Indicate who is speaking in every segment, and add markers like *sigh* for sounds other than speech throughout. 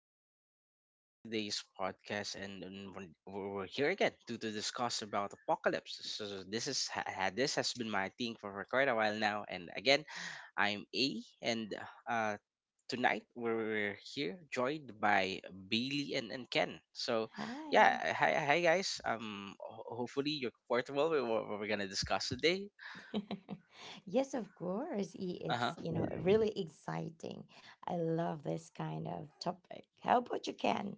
Speaker 1: in our today's podcast, and we're here again to discuss about apocalypse. So this is this has been my thing for quite a while now, and again, I'm A, and uh, tonight we're here joined by Bailey and Ken. So yeah,
Speaker 2: Hi.
Speaker 1: hi guys. Ho- hopefully you're comfortable with what we're gonna discuss today.
Speaker 2: *laughs* Yes, of course. i-
Speaker 1: Uh
Speaker 2: It's, really exciting. I love this kind of topic. How about you, can?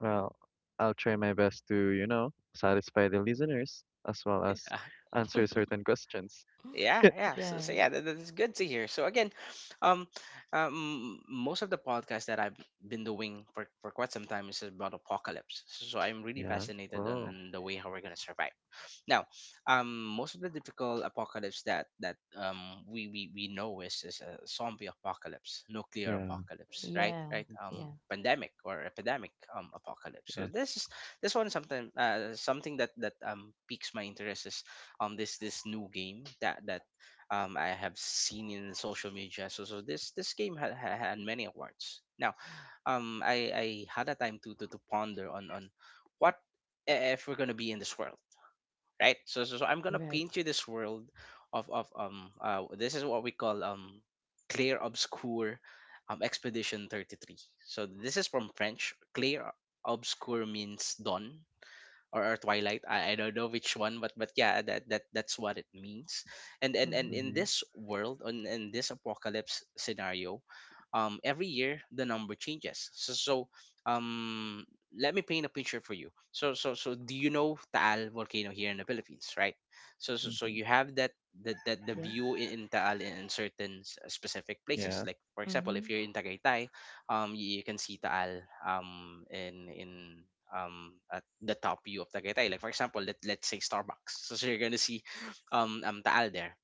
Speaker 3: Well, I'll try my best to satisfy the listeners as well as
Speaker 1: huh. *laughs*
Speaker 3: answer certain questions.
Speaker 2: *laughs*
Speaker 1: Yeah,
Speaker 3: *laughs*
Speaker 1: yeah. So
Speaker 2: Yeah,
Speaker 1: yeah, that's good to hear. So again, um, most of the podcasts that I've been doing for quite some time is about apocalypse. So I'm really
Speaker 3: Yeah.
Speaker 1: fascinated
Speaker 3: Oh.
Speaker 1: on the way how we're gonna survive. Now, most of the typical apocalypse that we know is a zombie apocalypse, nuclear
Speaker 3: Yeah.
Speaker 1: apocalypse, right?
Speaker 2: yeah,
Speaker 1: Right?
Speaker 2: yeah.
Speaker 1: Pandemic or epidemic apocalypse. So
Speaker 3: Yeah.
Speaker 1: this is this one something something that piques my interest is this new game that I have seen in social media. So this game had many awards. Now, I had a time to ponder on what, if we're gonna be in this world, right? So I'm gonna
Speaker 2: Right.
Speaker 1: paint you this world of this is what we call clear obscure Expedition 33. So this is from French. Clear obscure means dawn, or twilight, I don't know which one, but yeah, that's what it means. And in
Speaker 2: Mm-hmm.
Speaker 3: Mhm.
Speaker 1: this world, on in this apocalypse scenario, every year the number changes. So so um let me paint a picture for you. So do you know Taal Volcano here in the Philippines, right? So
Speaker 3: Mhm.
Speaker 1: you have that, the, the view,
Speaker 2: Yes.
Speaker 1: in Taal, in certain specific places.
Speaker 3: Yeah.
Speaker 1: Like for example,
Speaker 2: Mm-hmm.
Speaker 1: if you're in Tagaytay, you can see Taal, in at the top view of Tagaytay. Like for example, let's say Starbucks. So you're gonna see, Taal there.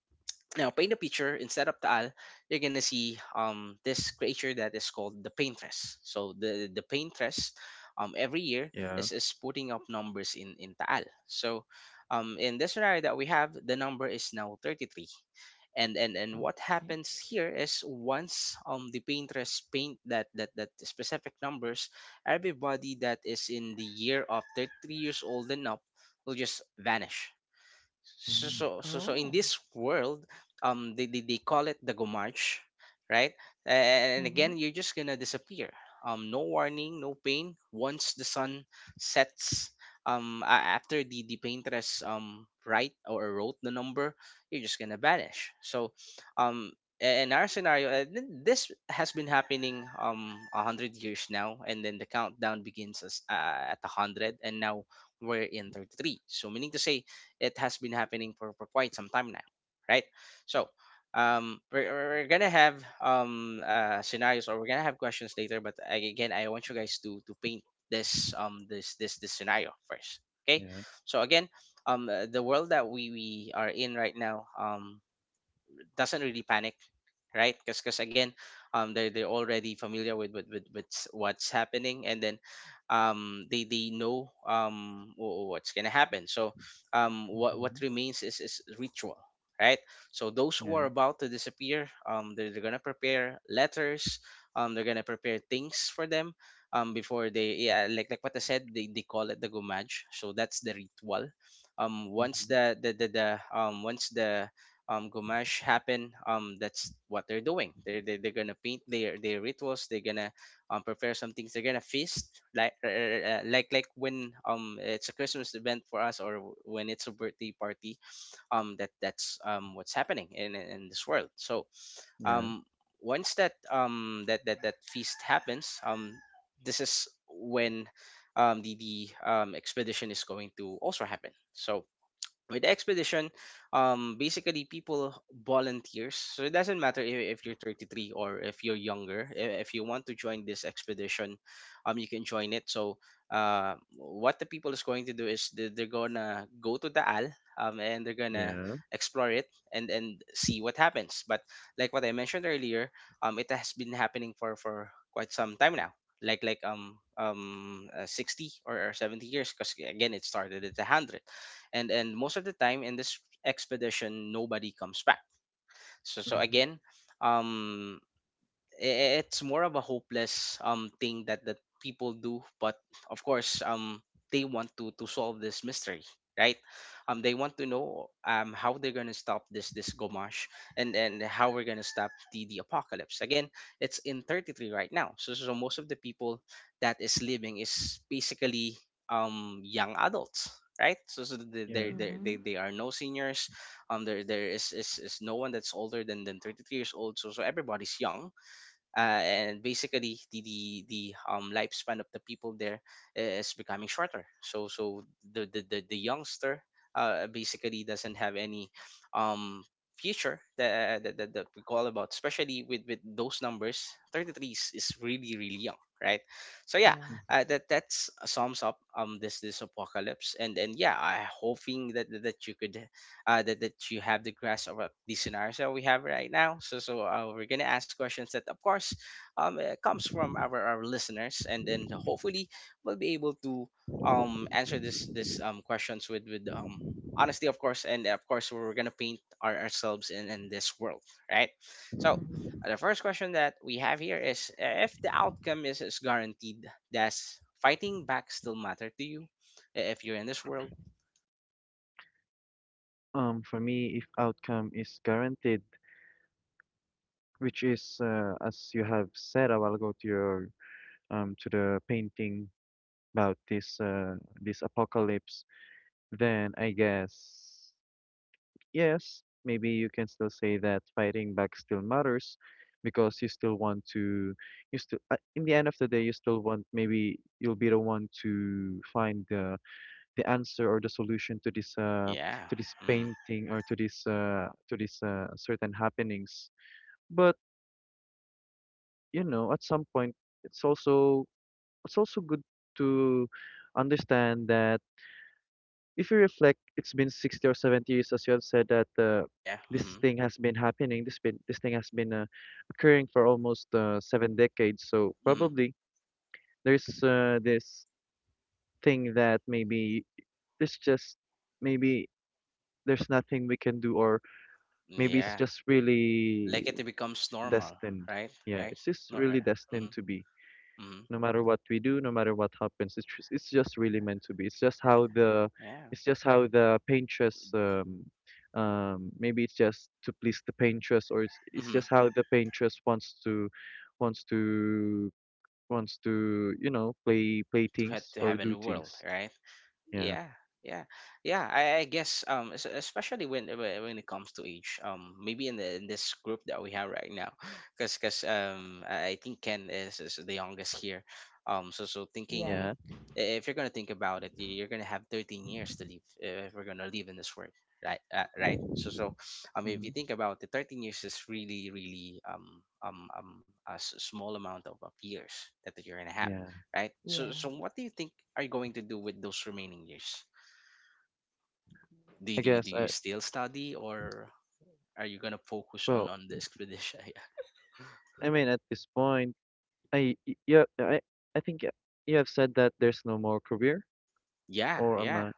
Speaker 1: Now paint the picture: instead of Taal, you're gonna see, this creature that is called the Paintress. So the Paintress, every year
Speaker 3: Yeah.
Speaker 1: is putting up numbers in Taal. So, in this scenario that we have, the number is now 33, and what
Speaker 2: Okay.
Speaker 1: happens here is, once the painters paint that specific numbers, everybody that is in the year of 33 years old and up will just vanish. so
Speaker 3: Mhm.
Speaker 1: so so so in
Speaker 2: Oh.
Speaker 1: this world, they call it the gomarch right? And
Speaker 2: Mm-hmm.
Speaker 1: again, you're just gonna disappear. No warning, no pain. Once the sun sets, um a- after the Paintress write or wrote the number, you're just gonna vanish. Um in our scenario, this has been happening, a 100 years now, and then the countdown begins, at a 100, and now we're in 33, so meaning to say it has been happening for quite some time now, right? So we're gonna have, scenarios, or we're gonna have questions later, but again, I want you guys to paint this, scenario first, okay?
Speaker 3: Yeah.
Speaker 1: So again, the world that we are in right now, doesn't really panic, right? Because again, they're already familiar with what's happening, and then, they know, what's gonna happen. So what
Speaker 3: Mhm.
Speaker 1: remains is ritual, right? So, those who
Speaker 3: Yeah.
Speaker 1: are about to disappear, they're gonna prepare letters, they're gonna prepare things for them, before they, yeah, like what I said, they call it the gumaj so that's the ritual. um once
Speaker 3: Mhm.
Speaker 1: the the the, the um Gomash happen, that's what they're doing. They're gonna paint their rituals. They're gonna, prepare some things. They're gonna feast, like, like when it's a Christmas event for us, or when it's a birthday party. That's what's happening, in this world. So,
Speaker 3: Yeah.
Speaker 1: um once that, feast happens, this is when, the expedition is going to also happen. So with expedition, basically people volunteers. So it doesn't matter if you're 33 or if you're younger. If you want to join this expedition, you can join it. So what the people is going to do is, they're gonna go to the al, and they're gonna
Speaker 3: Yeah.
Speaker 1: explore it, and see what happens. But like what I mentioned earlier, it has been happening for quite some time now, 60 or 70 years, because again, it started at 100. And most of the time in this expedition, nobody comes back. So
Speaker 3: Mhm.
Speaker 1: again, um it's more of a hopeless, thing that people do. But of course, they want to solve this mystery, right? They want to know, how they're going to stop this, this gomash and how we're going to stop the apocalypse. Again, it's in 33 right now. So most of the people that is living is basically, young adults, right? So they they
Speaker 3: Yeah.
Speaker 1: they they
Speaker 2: Mm-hmm.
Speaker 1: they are no seniors. There is no one that's older than 33 years old. So everybody's young. Uh, and basically, the the the, lifespan of the people there is becoming shorter. So the youngster, basically doesn't have any, um future that we call about, especially with those numbers. 33 is really, really young, right? So yeah.
Speaker 2: Yeah.
Speaker 3: Mhm.
Speaker 1: That's sums up, this apocalypse, and yeah, I hoping that you could, that you have the grasp of, the scenarios that we have right now. So we're gonna ask questions that, of course, comes from our listeners, and then hopefully we'll be able to, answer this questions with, honesty, of course. And of course we're gonna paint ourselves in this world, right? So.
Speaker 2: Mm-hmm.
Speaker 1: The first question that we have here is, if the outcome is guaranteed, does fighting back still matter to you? If you're in this world.
Speaker 3: For me, if outcome is guaranteed, which is as you have said a while ago to the painting about this apocalypse, then I guess. Yes, maybe you can still say that fighting back still matters because you still want to, you still, in the end of the day, you still want, maybe you'll be the one to find the answer or the solution to this uh
Speaker 1: Yeah.
Speaker 3: to this
Speaker 1: Mm.
Speaker 3: painting or to this certain happenings. But at some point, it's also it's also good to understand that. If you reflect, it's been 60 or 70 years, as you have said, that
Speaker 1: Yeah.
Speaker 3: this
Speaker 1: Mm-hmm.
Speaker 3: thing has been happening. This thing has been occurring for almost 7 decades. So
Speaker 1: Mhm.
Speaker 3: probably there's this thing that maybe there's maybe nothing we can do, or maybe it's
Speaker 1: Yeah,
Speaker 3: just
Speaker 1: like
Speaker 3: really
Speaker 1: it becomes normal,
Speaker 3: destined.
Speaker 1: right?
Speaker 3: Yeah,
Speaker 1: Right?
Speaker 3: it's just really
Speaker 1: Mhm.
Speaker 3: destined to be.
Speaker 1: Mhm.
Speaker 3: No matter what we do, no matter what happens. It's just really meant to be. It's just
Speaker 1: Uh.
Speaker 3: how the
Speaker 1: Yeah.
Speaker 3: it's just how the paintress maybe it's just to please the paintress or it's, it's
Speaker 1: Hmm.
Speaker 3: just how the paintress wants to wants to play
Speaker 1: To have
Speaker 3: things or
Speaker 1: a
Speaker 3: do
Speaker 1: new world,
Speaker 3: things.
Speaker 1: right?
Speaker 3: Yeah.
Speaker 1: Yeah, yeah, yeah. I guess, especially when it comes to age, maybe in the in this group that we have right now, because I think Ken is the youngest here, so
Speaker 2: Yeah.
Speaker 3: Yeah.
Speaker 1: thinking, if you're gonna think about it, you're gonna have 13 years to live, if we're gonna live in this world, right? Right. So if
Speaker 3: Hmm.
Speaker 1: you think about it, 13 years is really, really, um um a small amount of years that you're gonna have,
Speaker 3: Yeah.
Speaker 1: right? So,
Speaker 2: Yeah.
Speaker 1: so what do you think, are you going to do with those remaining years?
Speaker 3: I
Speaker 1: Do
Speaker 3: guess
Speaker 1: you
Speaker 3: I
Speaker 1: still study, or are you gonna focus
Speaker 3: well,
Speaker 1: on the expedition?
Speaker 3: I mean, at this point, yeah, I think you have said that there's no more career,
Speaker 1: *laughs* Yeah,
Speaker 3: or am
Speaker 1: yeah.
Speaker 3: I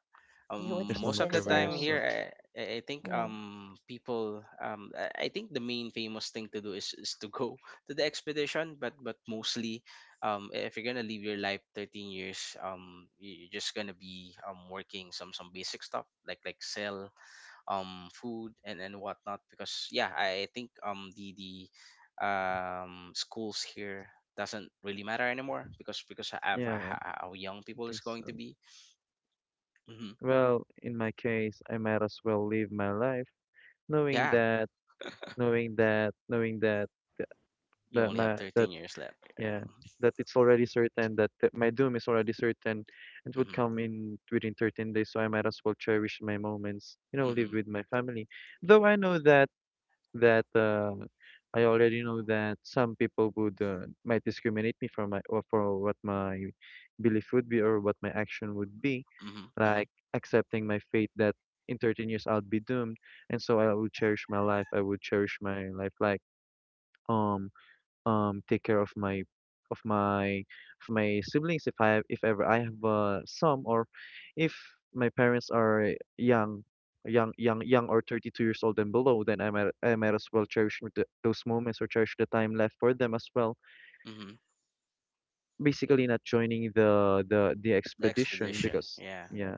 Speaker 1: Um,
Speaker 2: Yeah. What's the
Speaker 3: there's no
Speaker 1: Most
Speaker 3: more
Speaker 1: of the
Speaker 2: sense
Speaker 3: career,
Speaker 1: time
Speaker 2: of,
Speaker 3: so
Speaker 1: here, I think,
Speaker 2: you know,
Speaker 1: people, I think the main famous thing to do is to go *laughs* to the expedition. But mostly, if you're gonna live your life 13 years, you're just gonna be, working some basic stuff, like sell food and whatnot. Because yeah, I think, the schools here doesn't really matter anymore, because of
Speaker 3: yeah,
Speaker 1: how young people
Speaker 3: think
Speaker 1: is going
Speaker 3: so.
Speaker 1: to be. Hmm.
Speaker 3: Well, in my case, I might as well live my life knowing
Speaker 1: Yeah,
Speaker 3: that, knowing that,
Speaker 1: you
Speaker 3: that
Speaker 1: only have
Speaker 3: my, that,
Speaker 1: 13 years left. Yeah.
Speaker 3: yeah, that it's already certain, that my doom is already certain. It would
Speaker 1: Mm-hmm.
Speaker 3: come in within 13 days, so I might as well cherish my moments, live
Speaker 1: Mm-hmm.
Speaker 3: with my family. Though I know that I already know that some people would, might discriminate me for my or for what my belief would be, or what my action would be,
Speaker 1: Mm-hmm. Mm-hmm.
Speaker 3: like accepting my fate that in 13 years I'll be doomed, and so I would cherish my life. I would cherish my life like um take care of my of my of my siblings, if ever I have some, or if my parents are young or 32 years old and below, then I might as well cherish those moments or cherish the time left for them as well,
Speaker 1: Mm-hmm.
Speaker 3: basically not joining the
Speaker 1: The
Speaker 3: expedition
Speaker 1: expedition,
Speaker 3: because
Speaker 1: yeah,
Speaker 3: yeah.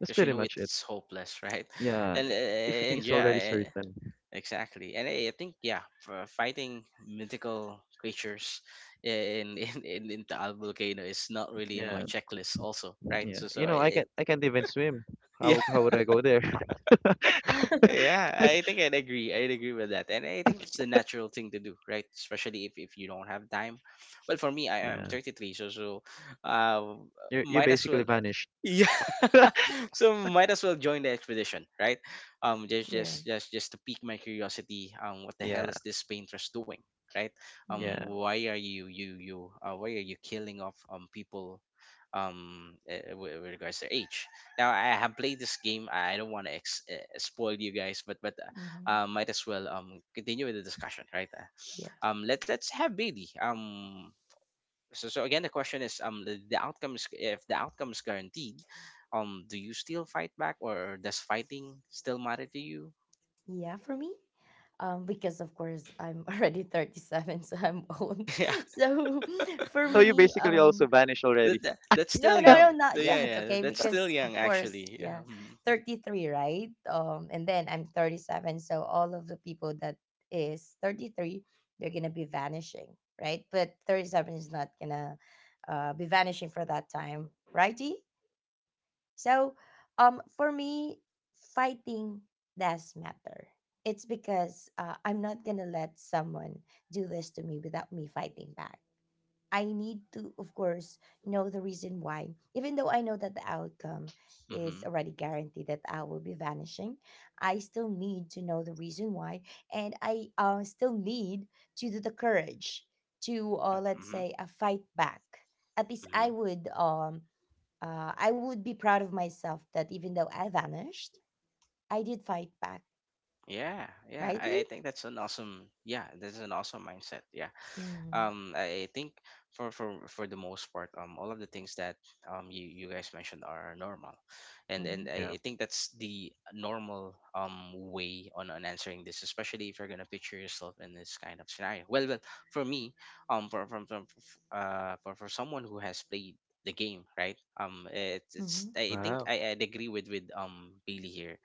Speaker 3: That's
Speaker 1: because
Speaker 3: pretty much it.
Speaker 1: it's hopeless, right? *laughs*
Speaker 3: Yeah, if you think
Speaker 1: And
Speaker 3: it's already
Speaker 1: Yeah.
Speaker 3: certain.
Speaker 1: Exactly. And I think, yeah, for fighting mythical creatures *laughs* in Taal Volcano is not really in my
Speaker 3: Yeah,
Speaker 1: checklist, also, right?
Speaker 3: yeah,
Speaker 1: So
Speaker 3: you
Speaker 1: so
Speaker 3: know, I can
Speaker 1: it...
Speaker 3: I can't even swim.
Speaker 1: *laughs* yeah.
Speaker 3: How would I go there?
Speaker 1: *laughs* Yeah, I
Speaker 3: *laughs*
Speaker 1: think I'd agree with that, and I think that's the natural thing to do, right? Especially if you don't have time. Well, for me, I am
Speaker 3: Yeah.
Speaker 1: 33, so uh,
Speaker 3: You
Speaker 1: might as
Speaker 3: basically
Speaker 1: well
Speaker 3: vanished.
Speaker 1: *laughs* yeah,
Speaker 3: *laughs*
Speaker 1: so might as well join the expedition, right? Just
Speaker 2: yeah.
Speaker 1: just just just to pique my curiosity. What the
Speaker 3: Yeah.
Speaker 1: hell is this painters doing, right?
Speaker 3: Yeah.
Speaker 1: Why are you you you why are you killing off people, with regards to age. Now I have played this game. I don't want to spoil you guys, but
Speaker 2: Mm-hmm.
Speaker 1: might as well continue with the discussion, right?
Speaker 2: Yeah.
Speaker 1: Let's have Bailey. So again, the question is, the outcome is — if the outcome is guaranteed, do you still fight back, or does fighting still matter to you?
Speaker 2: Yeah, for me, because of course I'm *laughs* already 37, so I'm old.
Speaker 1: *laughs* Yeah,
Speaker 2: *laughs* So *laughs* for
Speaker 3: So you
Speaker 2: me,
Speaker 3: basically also vanished already.
Speaker 1: that's still
Speaker 2: no, no,
Speaker 3: *laughs*
Speaker 2: no,
Speaker 1: young.
Speaker 2: not
Speaker 1: Yeah,
Speaker 2: yet.
Speaker 1: yeah,
Speaker 2: Okay,
Speaker 1: that's still
Speaker 2: because
Speaker 1: young
Speaker 2: of course,
Speaker 1: actually.
Speaker 2: yeah, 33, right? And then I'm 37, so all of the people that is 33, they're gonna be vanishing, right? But 37 is not gonna be vanishing for that time, righty? So, for me, fighting does matter. It's because I'm not gonna let someone do this to me without me fighting back. I need to, of course, know the reason why, even though I know that the outcome is
Speaker 1: Hmm.
Speaker 2: already guaranteed that I will be vanishing. I still need to know the reason why, and I still need to do the courage to,
Speaker 1: Yeah,
Speaker 2: let's
Speaker 1: hmm.
Speaker 2: say, fight back. At least
Speaker 1: Hmm.
Speaker 2: I would be proud of myself that even though I vanished, I did fight back.
Speaker 1: Yeah, yeah. I,
Speaker 2: Righty?
Speaker 1: I think that's an awesome. Yeah, this is an awesome mindset. Yeah.
Speaker 2: Mm-hmm.
Speaker 1: I think for the most part all of the things that you guys mentioned are normal, and
Speaker 2: Mm-hmm.
Speaker 1: and
Speaker 3: Yeah.
Speaker 1: I, I think that's the normal way on answering this, especially if you're gonna picture yourself in this kind of scenario. Well, for me, for for for someone who has played the game, right? It's I think
Speaker 3: Wow.
Speaker 1: I'd agree with Bailey here,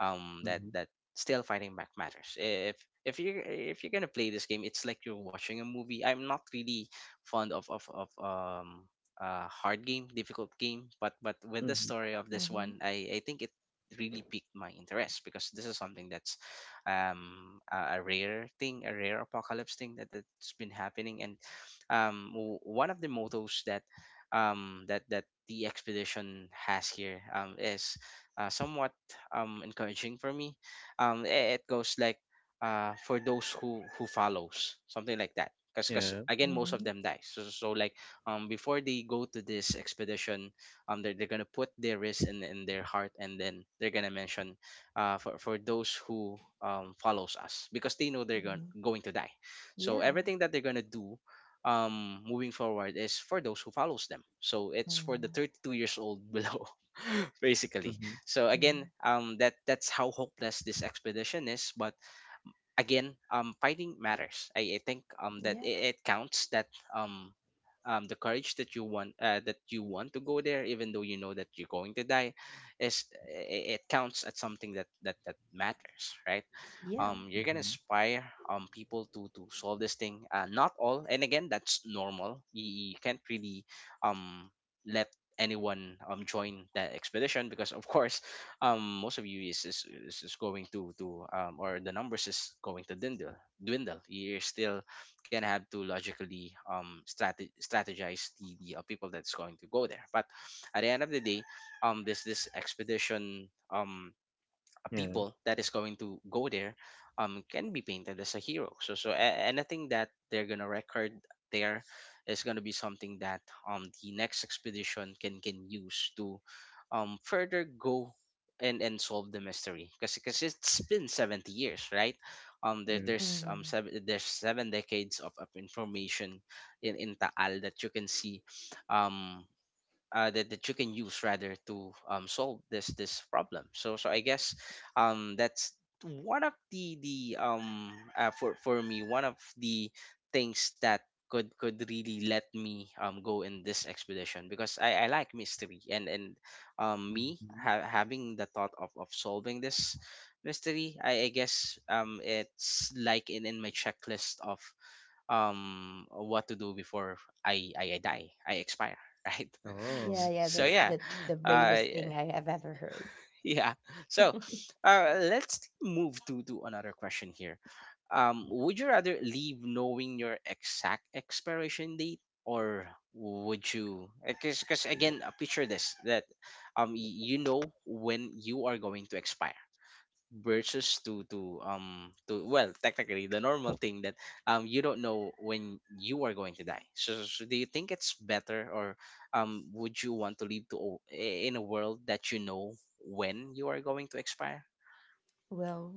Speaker 1: that
Speaker 3: Mhm.
Speaker 1: still fighting back matters if you if you're gonna play this game. It's like you're watching a movie. I'm not really fond of hard game, difficult game, but with the
Speaker 3: Mhm.
Speaker 1: story of
Speaker 2: Mm-hmm.
Speaker 1: this
Speaker 2: Mm-hmm.
Speaker 1: one, I think it really piqued my interest, because this is something that's a rare thing, a rare apocalypse thing that, that's been happening. And one of the mottos that that the expedition has here is somewhat encouraging for me. It goes like for those who follows something like that. 'Cause
Speaker 3: Yeah.
Speaker 1: again, most of
Speaker 2: Mm-hmm.
Speaker 1: them die. So like, before they go to this expedition, they're gonna put their risk in their heart, and then they're gonna mention, for those who follows us, because they know they're going
Speaker 2: Mm-hmm.
Speaker 1: going to die. So
Speaker 2: Yeah.
Speaker 1: everything that they're gonna do moving forward is for those who follows them, so it's for the
Speaker 2: Mm-hmm.
Speaker 1: 32 years old below, *laughs* basically.
Speaker 3: Mhm.
Speaker 1: So
Speaker 2: Mm-hmm.
Speaker 1: again, that's how hopeless this expedition is. But again, fighting matters. I think that
Speaker 2: Yeah.
Speaker 1: it counts, that um the courage that you want to go there, even though you know that you're going to die, is it counts as something that matters, right?
Speaker 2: Yeah.
Speaker 1: You're gonna
Speaker 3: Mhm.
Speaker 1: inspire people to solve this thing. Not all, and again, that's normal. You can't really um, let anyone join that expedition, because of course most of you is is going to or the numbers is going to dwindle. You're still gonna have to logically strategize the people that's going to go there. But at the end of the day, this expedition,
Speaker 3: Yeah.
Speaker 1: people that is going to go there can be painted as a hero. So anything that they're gonna record there is gonna be something that the next expedition can use to further go and solve the mystery, because it's been 70 years, right? There,
Speaker 3: Yeah.
Speaker 1: there's
Speaker 2: Mm-hmm.
Speaker 1: seven there's seven decades of information in Taal that you can see, um that you can use rather to solve this problem. So I guess, that's one of the for me, one of the things that could really let me go in this expedition, because I like mystery, and me
Speaker 3: Mhm.
Speaker 1: having the thought of solving this mystery. I guess it's like in my checklist of what to do before I die, I expire. *laughs* Right.
Speaker 3: Oh,
Speaker 2: Yeah.
Speaker 1: S-
Speaker 3: I
Speaker 2: Yeah,
Speaker 1: so
Speaker 3: see.
Speaker 1: yeah.
Speaker 2: That's the
Speaker 1: Uh,
Speaker 2: bravest thing I have ever heard.
Speaker 1: yeah. So
Speaker 2: *laughs*
Speaker 1: let's move to another question here. Would you rather leave knowing your exact expiration date, or would you — because again, picture this, that you know when you are going to expire versus to to, well, technically the normal thing, that you don't know when you are going to die. So do you think it's better? Or would you want to live to in a world that you know when you are going to expire?
Speaker 2: Well,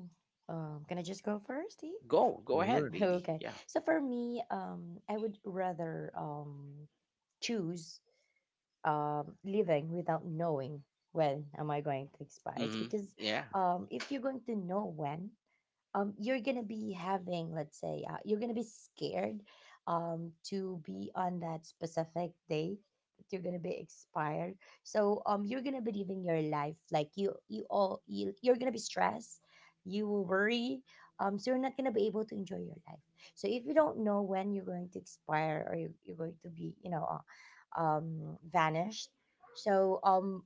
Speaker 2: can I just go first, E?
Speaker 1: Go ahead,
Speaker 3: Good.
Speaker 2: *laughs*
Speaker 1: baby.
Speaker 2: Okay.
Speaker 1: Yeah.
Speaker 2: So for me, I would rather choose living without knowing when am I going to expire. It's
Speaker 1: Mm-hmm.
Speaker 2: because
Speaker 1: Yeah,
Speaker 2: if you're going to know when, you're gonna be having, let's say, you're gonna be scared to be on that specific day that you're gonna be expired. So you're gonna be living your life like you're gonna be stressed. You will worry. So you're not gonna be able to enjoy your life. So if you don't know when you're going to expire or you're going to be, vanished, so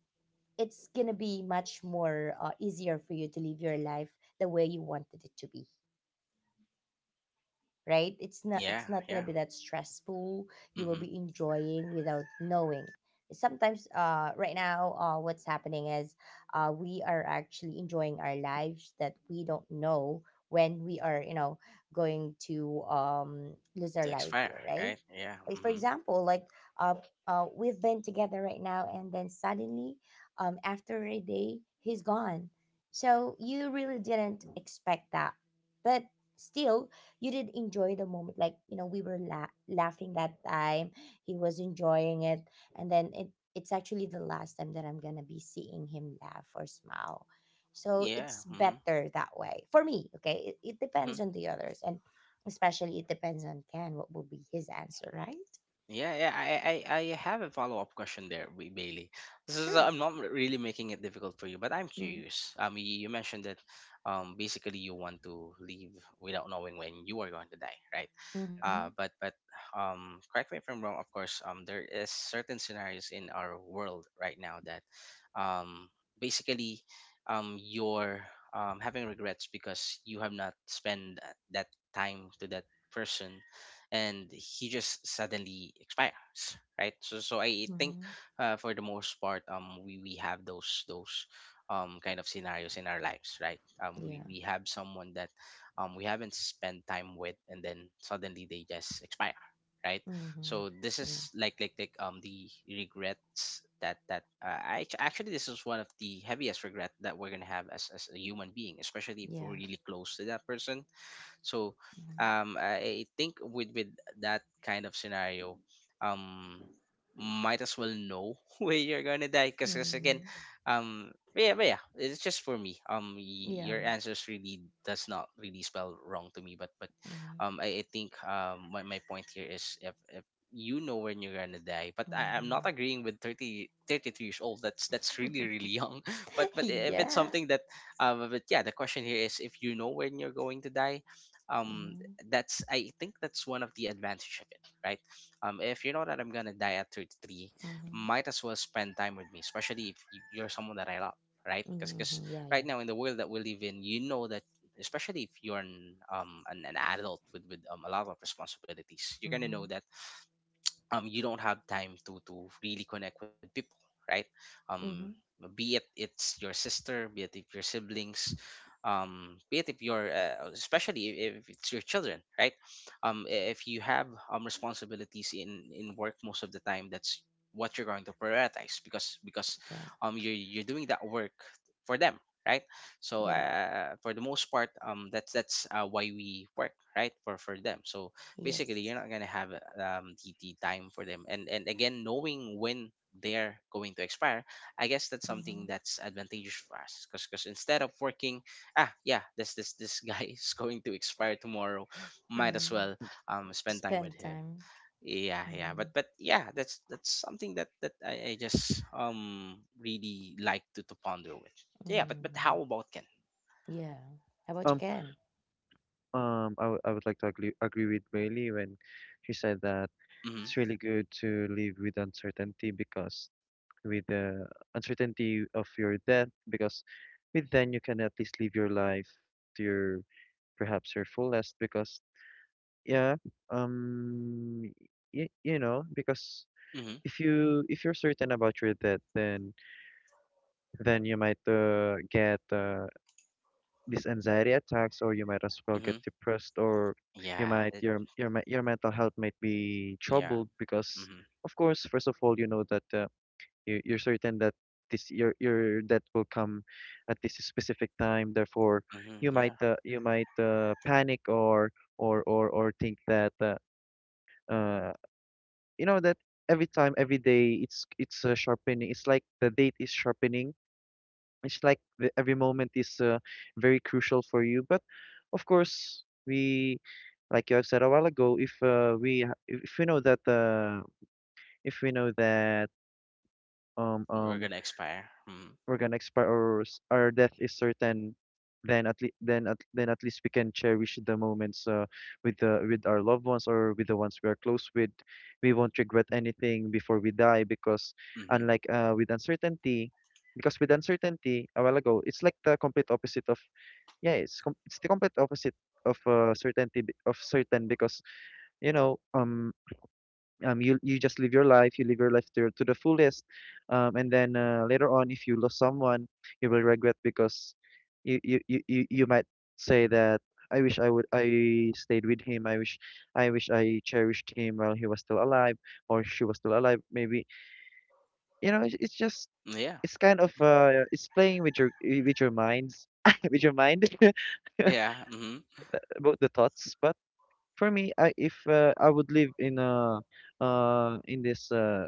Speaker 2: it's gonna be much more easier for you to live your life the way you wanted it to be, right? It's not,
Speaker 1: yeah,
Speaker 2: it's not going to
Speaker 1: yeah.
Speaker 2: be that stressful. You will
Speaker 1: Mm-hmm.
Speaker 2: be enjoying without knowing. Sometimes right now what's happening is, we are actually enjoying our lives that we don't know when we are, you know, going to lose our
Speaker 1: To
Speaker 2: life here,
Speaker 1: expire,
Speaker 2: right?
Speaker 1: right? Yeah,
Speaker 2: Like for
Speaker 1: mm-hmm.
Speaker 2: example like, uh, uh, we've been together right now and then suddenly, after a day he's gone. So you really didn't expect that, but still you did enjoy the moment. Like, you know, we were laughing that time, he was enjoying it, and then it's actually the last time that I'm gonna be seeing him laugh or smile. So
Speaker 1: Yeah,
Speaker 2: it's
Speaker 1: mm-hmm.
Speaker 2: better that way for me. Okay, it depends on the others, and especially it depends on Ken what will be his answer, right?
Speaker 1: Yeah, yeah, I have a follow up question there, Bailey. So
Speaker 2: Sure.
Speaker 1: I'm not really making it difficult for you, but I'm
Speaker 2: Mm-hmm.
Speaker 1: curious. You mentioned that, basically you want to leave without knowing when you are going to die, right?
Speaker 2: Mm-hmm.
Speaker 1: But correct me if I'm wrong. Of course, there is certain scenarios in our world right now that, um, basically, you're having regrets because you have not spent that time to that person, and he just suddenly expires, right? So I think,
Speaker 2: Mm-hmm.
Speaker 1: for the most part we have those kind of scenarios in our lives, right? We
Speaker 2: Yeah.
Speaker 1: we have someone that we haven't spent time with, and then suddenly they just expire, right?
Speaker 2: Mm-hmm.
Speaker 1: So this
Speaker 2: Yeah.
Speaker 1: is like the regrets that actually, this is one of the heaviest regret that we're gonna have as a human being, especially if we're
Speaker 2: Yeah.
Speaker 1: really close to that person. So
Speaker 2: Mm-hmm.
Speaker 1: I think with that kind of scenario, um, might as well know *laughs* where you're gonna die. Because again,
Speaker 2: Mm-hmm.
Speaker 1: but yeah, it's just for me.
Speaker 2: Yeah.
Speaker 1: Your answers really does not really spell wrong to me. But
Speaker 2: Mm-hmm.
Speaker 1: I think, my point here is, if you know when you're gonna die, but I'm not
Speaker 2: Mm-hmm.
Speaker 1: agreeing with 30 33 years old. That's really, really young. *laughs* But
Speaker 2: *laughs*
Speaker 1: if it's
Speaker 2: Yeah.
Speaker 1: something that, but yeah, the question here is, if you know when you're going to die, um
Speaker 2: Mm-hmm.
Speaker 1: that's I think that's one of the advantage of it, right? If you know that I'm gonna die at 33,
Speaker 2: Mhm.
Speaker 1: might as well spend time with me, especially if you're someone that I love, right? Because
Speaker 2: Mhm. Yeah,
Speaker 1: right
Speaker 2: yeah.
Speaker 1: now in the world that we live in, you know that, especially if you're an an adult with a lot of responsibilities, you're gonna know
Speaker 2: Mhm.
Speaker 1: that you don't have time to really connect with people, right? um
Speaker 2: Mhm.
Speaker 1: be it it's your sister, be it if your siblings, be it if you're especially if it's your children, right? If you have responsibilities in work, most of the time that's what you're going to prioritize, because
Speaker 2: Yeah.
Speaker 1: you're doing that work for them, right? So
Speaker 2: Yeah.
Speaker 1: for the most part, that's why we work, right? For them. So basically
Speaker 2: Yes.
Speaker 1: you're not gonna have the time for them. And again, knowing when they're going to expire, I guess that's something
Speaker 2: Mhm.
Speaker 1: that's advantageous for us, because instead of working, ah, yeah, this guy *laughs* is going to expire tomorrow, might as
Speaker 2: Mhm.
Speaker 1: well
Speaker 3: Hmm.
Speaker 1: spend time with
Speaker 2: Spend
Speaker 1: him.
Speaker 2: time.
Speaker 1: Yeah, yeah, but
Speaker 2: Mhm.
Speaker 1: yeah, that's something that I just really like to ponder with. Yeah, but how
Speaker 2: Mhm.
Speaker 1: about Ken?
Speaker 2: Yeah. How about you,
Speaker 3: Um.
Speaker 2: Ken?
Speaker 3: I would like to agree with Bailey when she said that
Speaker 1: Mm-hmm,
Speaker 3: it's really good to live with uncertainty, because with the uncertainty of your death, because with then you can at least live your life to your perhaps your fullest because yeah um because
Speaker 1: mm-hmm,
Speaker 3: if you're certain about your death, then you might, get, these anxiety attacks, or you might as well get
Speaker 1: mm-hmm.
Speaker 3: depressed, or
Speaker 1: Yeah,
Speaker 3: your mental health might be
Speaker 1: yeah.
Speaker 3: troubled because,
Speaker 1: Mm-hmm,
Speaker 3: of course, first of all, you know that, you're certain that this your debt will come at this specific time, therefore you
Speaker 1: mm-hmm,
Speaker 3: might
Speaker 1: yeah.
Speaker 3: uh, you might uh, panic, or think that, uh you know that every time, every day, it's sharpening, it's like the date is sharpening. Every moment is very crucial for you. But of course, we like you have said a while ago, if if we know that, if we know that um
Speaker 1: We're
Speaker 3: um
Speaker 1: gonna expire. Mm-hmm.
Speaker 3: we're gonna expire, or our death is certain, then at least we can cherish the moments, with the with our loved ones, or with the ones we are close with. We won't regret anything before we die because,
Speaker 1: Mm-hmm.
Speaker 3: unlike with uncertainty, because with uncertainty a while ago, it's like the complete opposite of yeah, it's com- it's the complete opposite of certainty be- of certain because you know um you just live your life, you live your life to the fullest, and then later on, if you lose someone, you will regret because you might say that, "I wish I would, I stayed with him. I wish I cherished him while he was still alive, or she was still alive." Maybe, you know, it's, it's just
Speaker 1: Yeah.
Speaker 3: it's kind of, it's playing with your minds *laughs* with your mind *laughs*
Speaker 1: Yeah. Mm-hmm.
Speaker 3: about the thoughts. But for me, I if I would live in a in this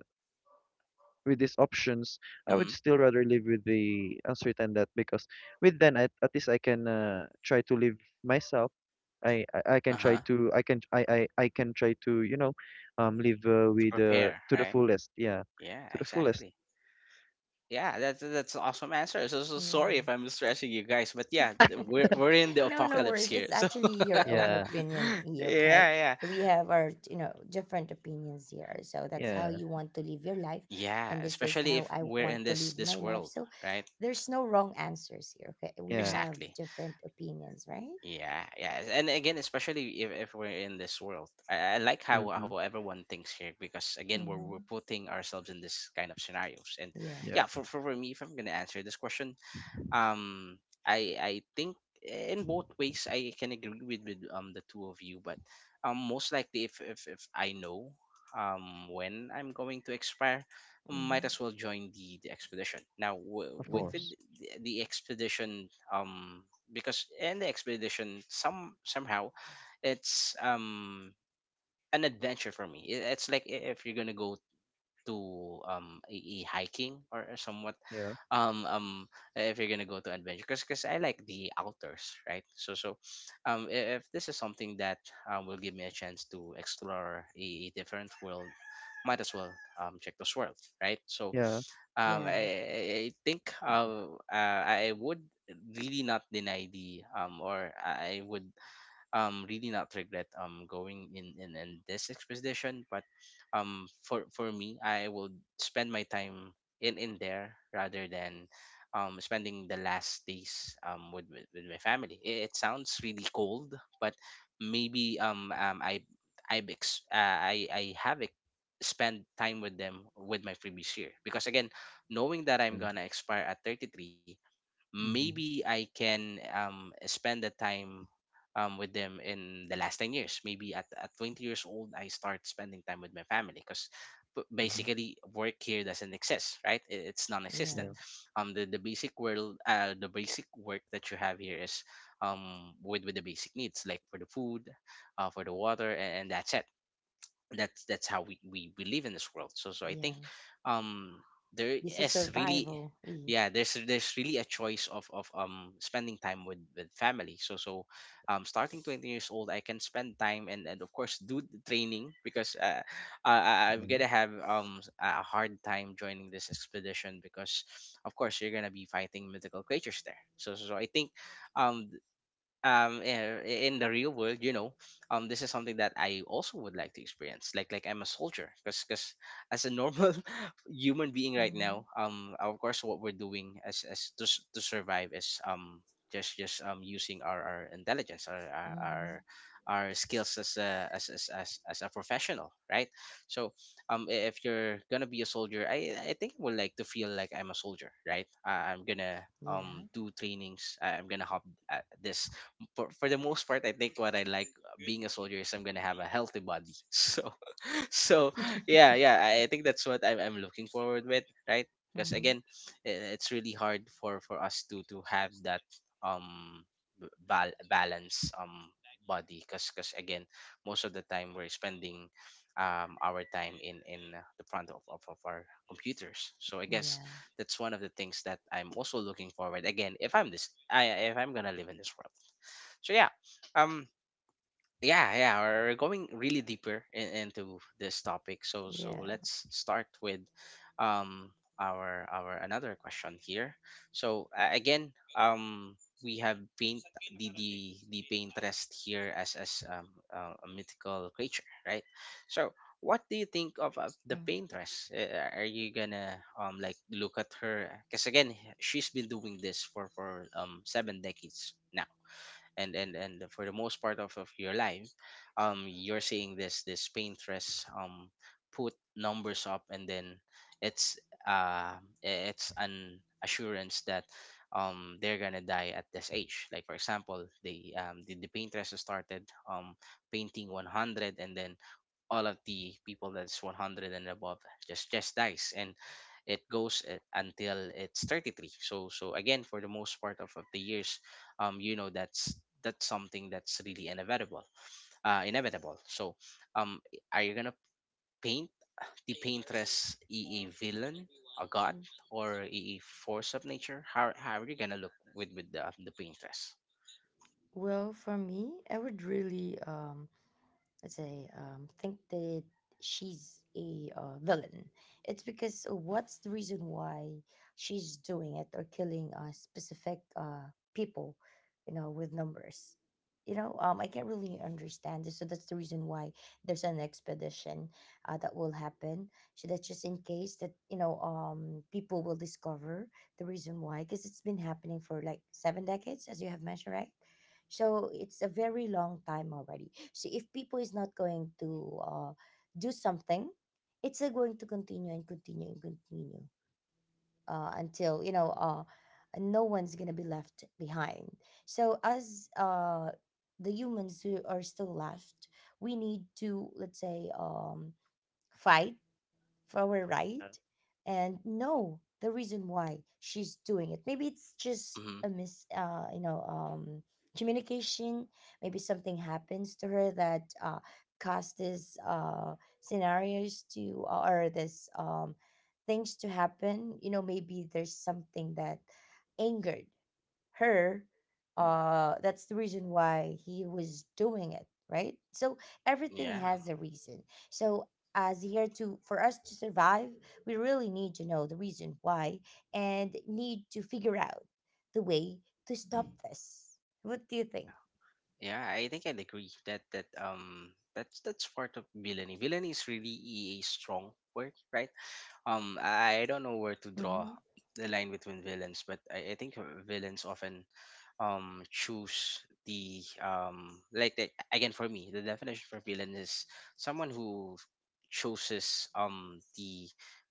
Speaker 3: with these options, I would
Speaker 1: Mm-hmm.
Speaker 3: still rather live with the uncertain, that because with then at least I can, try to live myself.
Speaker 1: Uh-huh.
Speaker 3: I can try to live,
Speaker 1: To
Speaker 3: with,
Speaker 1: prepare,
Speaker 3: to the
Speaker 1: right?
Speaker 3: fullest. Yeah,
Speaker 1: Yeah,
Speaker 3: to the fullest.
Speaker 1: exactly. Yeah, that's an awesome answer. So sorry
Speaker 2: Yeah.
Speaker 1: if I'm stressing you guys, but yeah,
Speaker 3: *laughs*
Speaker 2: *laughs*
Speaker 1: we're in the
Speaker 2: No, no
Speaker 1: apocalypse
Speaker 2: worries.
Speaker 1: here.
Speaker 2: It's
Speaker 1: So
Speaker 2: actually
Speaker 1: *laughs*
Speaker 2: your own
Speaker 3: Yeah,
Speaker 2: opinion, E, okay?
Speaker 1: yeah, yeah.
Speaker 2: So we have our, you know, different opinions here. So that's how
Speaker 1: Eh,
Speaker 3: yeah,
Speaker 2: you want to live your life.
Speaker 1: yeah,
Speaker 2: And this is
Speaker 1: especially
Speaker 2: how
Speaker 1: if
Speaker 2: I
Speaker 1: we're
Speaker 2: want to
Speaker 1: in
Speaker 2: live
Speaker 1: this
Speaker 2: my life.
Speaker 1: world,
Speaker 2: So
Speaker 1: right?
Speaker 2: there's no wrong answers here, okay? We
Speaker 3: yeah.
Speaker 2: have
Speaker 1: Exactly.
Speaker 2: different opinions, right?
Speaker 1: Yeah, and again, especially if we're in this world, I like how
Speaker 3: Mm-hmm.
Speaker 1: how everyone thinks here because again, we're putting ourselves in this kind of scenarios, and
Speaker 2: Yeah.
Speaker 3: Yeah,
Speaker 1: yeah, for me, if I'm gonna answer this question, um I think in both ways I can agree with with the two of you. But most likely if I know when I'm going to expire, I might
Speaker 2: Hmm.
Speaker 1: as well join the expedition now
Speaker 3: of
Speaker 2: Yeah.
Speaker 1: with
Speaker 3: course.
Speaker 1: the expedition, because in the expedition somehow it's an adventure for me. It's like if you're gonna go to a hiking or a somewhat
Speaker 3: Yeah,
Speaker 1: um um if you're gonna go to adventure, because I like the outdoors, right? So so if this is something that will give me a chance to explore a different world, might as well check those worlds, right? So
Speaker 3: yeah,
Speaker 1: um
Speaker 2: Yeah.
Speaker 1: I, I think I would really not deny the or I would really not regret going in this expedition. But for me, I would spend my time in there rather than spending the last days with with my family. It it, sounds really cold, but maybe I I've ex- I have ex- spend time with them with my previous year, because again, knowing that I'm
Speaker 3: sure.
Speaker 1: gonna expire at 33,
Speaker 3: Mm-hmm.
Speaker 1: maybe I can spend the time with them in the last 10 years. Maybe at 20 years old, I start spending time with my family, because
Speaker 3: Mm-hmm.
Speaker 1: basically work here doesn't exist, right? It's non-existent.
Speaker 3: Yeah.
Speaker 2: Yeah.
Speaker 1: The basic world, the basic work that you have here is with the basic needs, like for the food, for the water, and that's it. That's how we live in this world. So so I
Speaker 2: Yeah.
Speaker 1: think um there
Speaker 2: This is
Speaker 1: is really,
Speaker 2: survival, E.
Speaker 1: yeah, there's really a choice of spending time with family. So so starting 20 years old, I can spend time, and of course do the training, because I'm
Speaker 3: Mm-hmm.
Speaker 1: gonna have a hard time joining this expedition, because of course you're gonna be fighting mythical creatures there. So so, so I think um in the real world, you know, this is something that I also would like to experience, like I'm a soldier. Because as a normal *laughs* human being right now,
Speaker 2: Hmm.
Speaker 1: of course what we're doing to survive is just using our intelligence, our our our
Speaker 2: Hmm.
Speaker 1: our skills as a as, as a professional, right? So if you're gonna be a soldier, I think I would like to feel like I'm a soldier, right? I'm gonna
Speaker 2: Yeah.
Speaker 1: do trainings. I'm gonna hop at this for the most part. I think what I like being a soldier is I'm gonna have a healthy body *laughs* so so yeah,
Speaker 2: *laughs*
Speaker 1: yeah, I think that's what I'm looking forward with, right? Because
Speaker 2: Hmm.
Speaker 1: again, it's really hard for us to have that um balance body, because again, most of the time we're spending our time in the front of our computers. So I guess
Speaker 2: Yeah.
Speaker 1: that's one of the things that I'm also looking forward, again, if I'm this I if I'm gonna live in this world. So yeah, um yeah, yeah, we're going really deeper into this topic. So so
Speaker 2: Yeah.
Speaker 1: let's start with um our another question here. So again, we have paint the painterest here as a mythical creature, right? So what do you think of the
Speaker 2: Mm.
Speaker 1: painteress? Are you gonna like look at her, because again, she's been doing this for 7 decades now. And for the most part of your life, you're seeing this paintress put numbers up, and then it's uh, it's an assurance that they're gonna die at this age. Like for example, they the paintress started um painting 100, and then all of the people that's 100 and above just dies, and it goes until it's 33. So so again, for the most part of the years, you know, that's something that's really inevitable. So um are you gonna paint the paintress a villain, a god, or a force of nature? How are you gonna look with the paintress?
Speaker 2: Well, for me, I would really they think that she's a, villain. It's because, what's the reason why she's doing it, or killing specific, people, you know, with numbers? You know, I can't really understand this, so that's the reason why there's an expedition that will happen. So that's just in case that, you know, people will discover the reason why, because it's been happening for like 7 decades, as you have mentioned, right? So it's a very long time already. So if people is not going to, do something, it's going to continue and continue and continue until, you know, no one's gonna be left behind. So as, the humans who are still left, we need to, let's say, fight for our right,
Speaker 3: Yeah,
Speaker 2: and know the reason why she's doing it. Maybe it's just
Speaker 1: Hmm.
Speaker 2: a mis, you know, communication. Maybe something happens to her that caused this scenarios to, or this things to happen. You know, maybe there's something that angered her, that's the reason why he was doing it, right? So everything
Speaker 1: yeah
Speaker 2: has a reason. So as here to for us to survive, we really need to know the reason why, and need to figure out the way to stop this. What do you think?
Speaker 1: yeah yeah i think I'd agree that that's part of villainy. Villainy is really a strong word, right? I don't know where to draw
Speaker 2: Mm-hmm.
Speaker 1: the line between villains, but I think villains often choose the again, for me, the definition for villain is someone who chooses the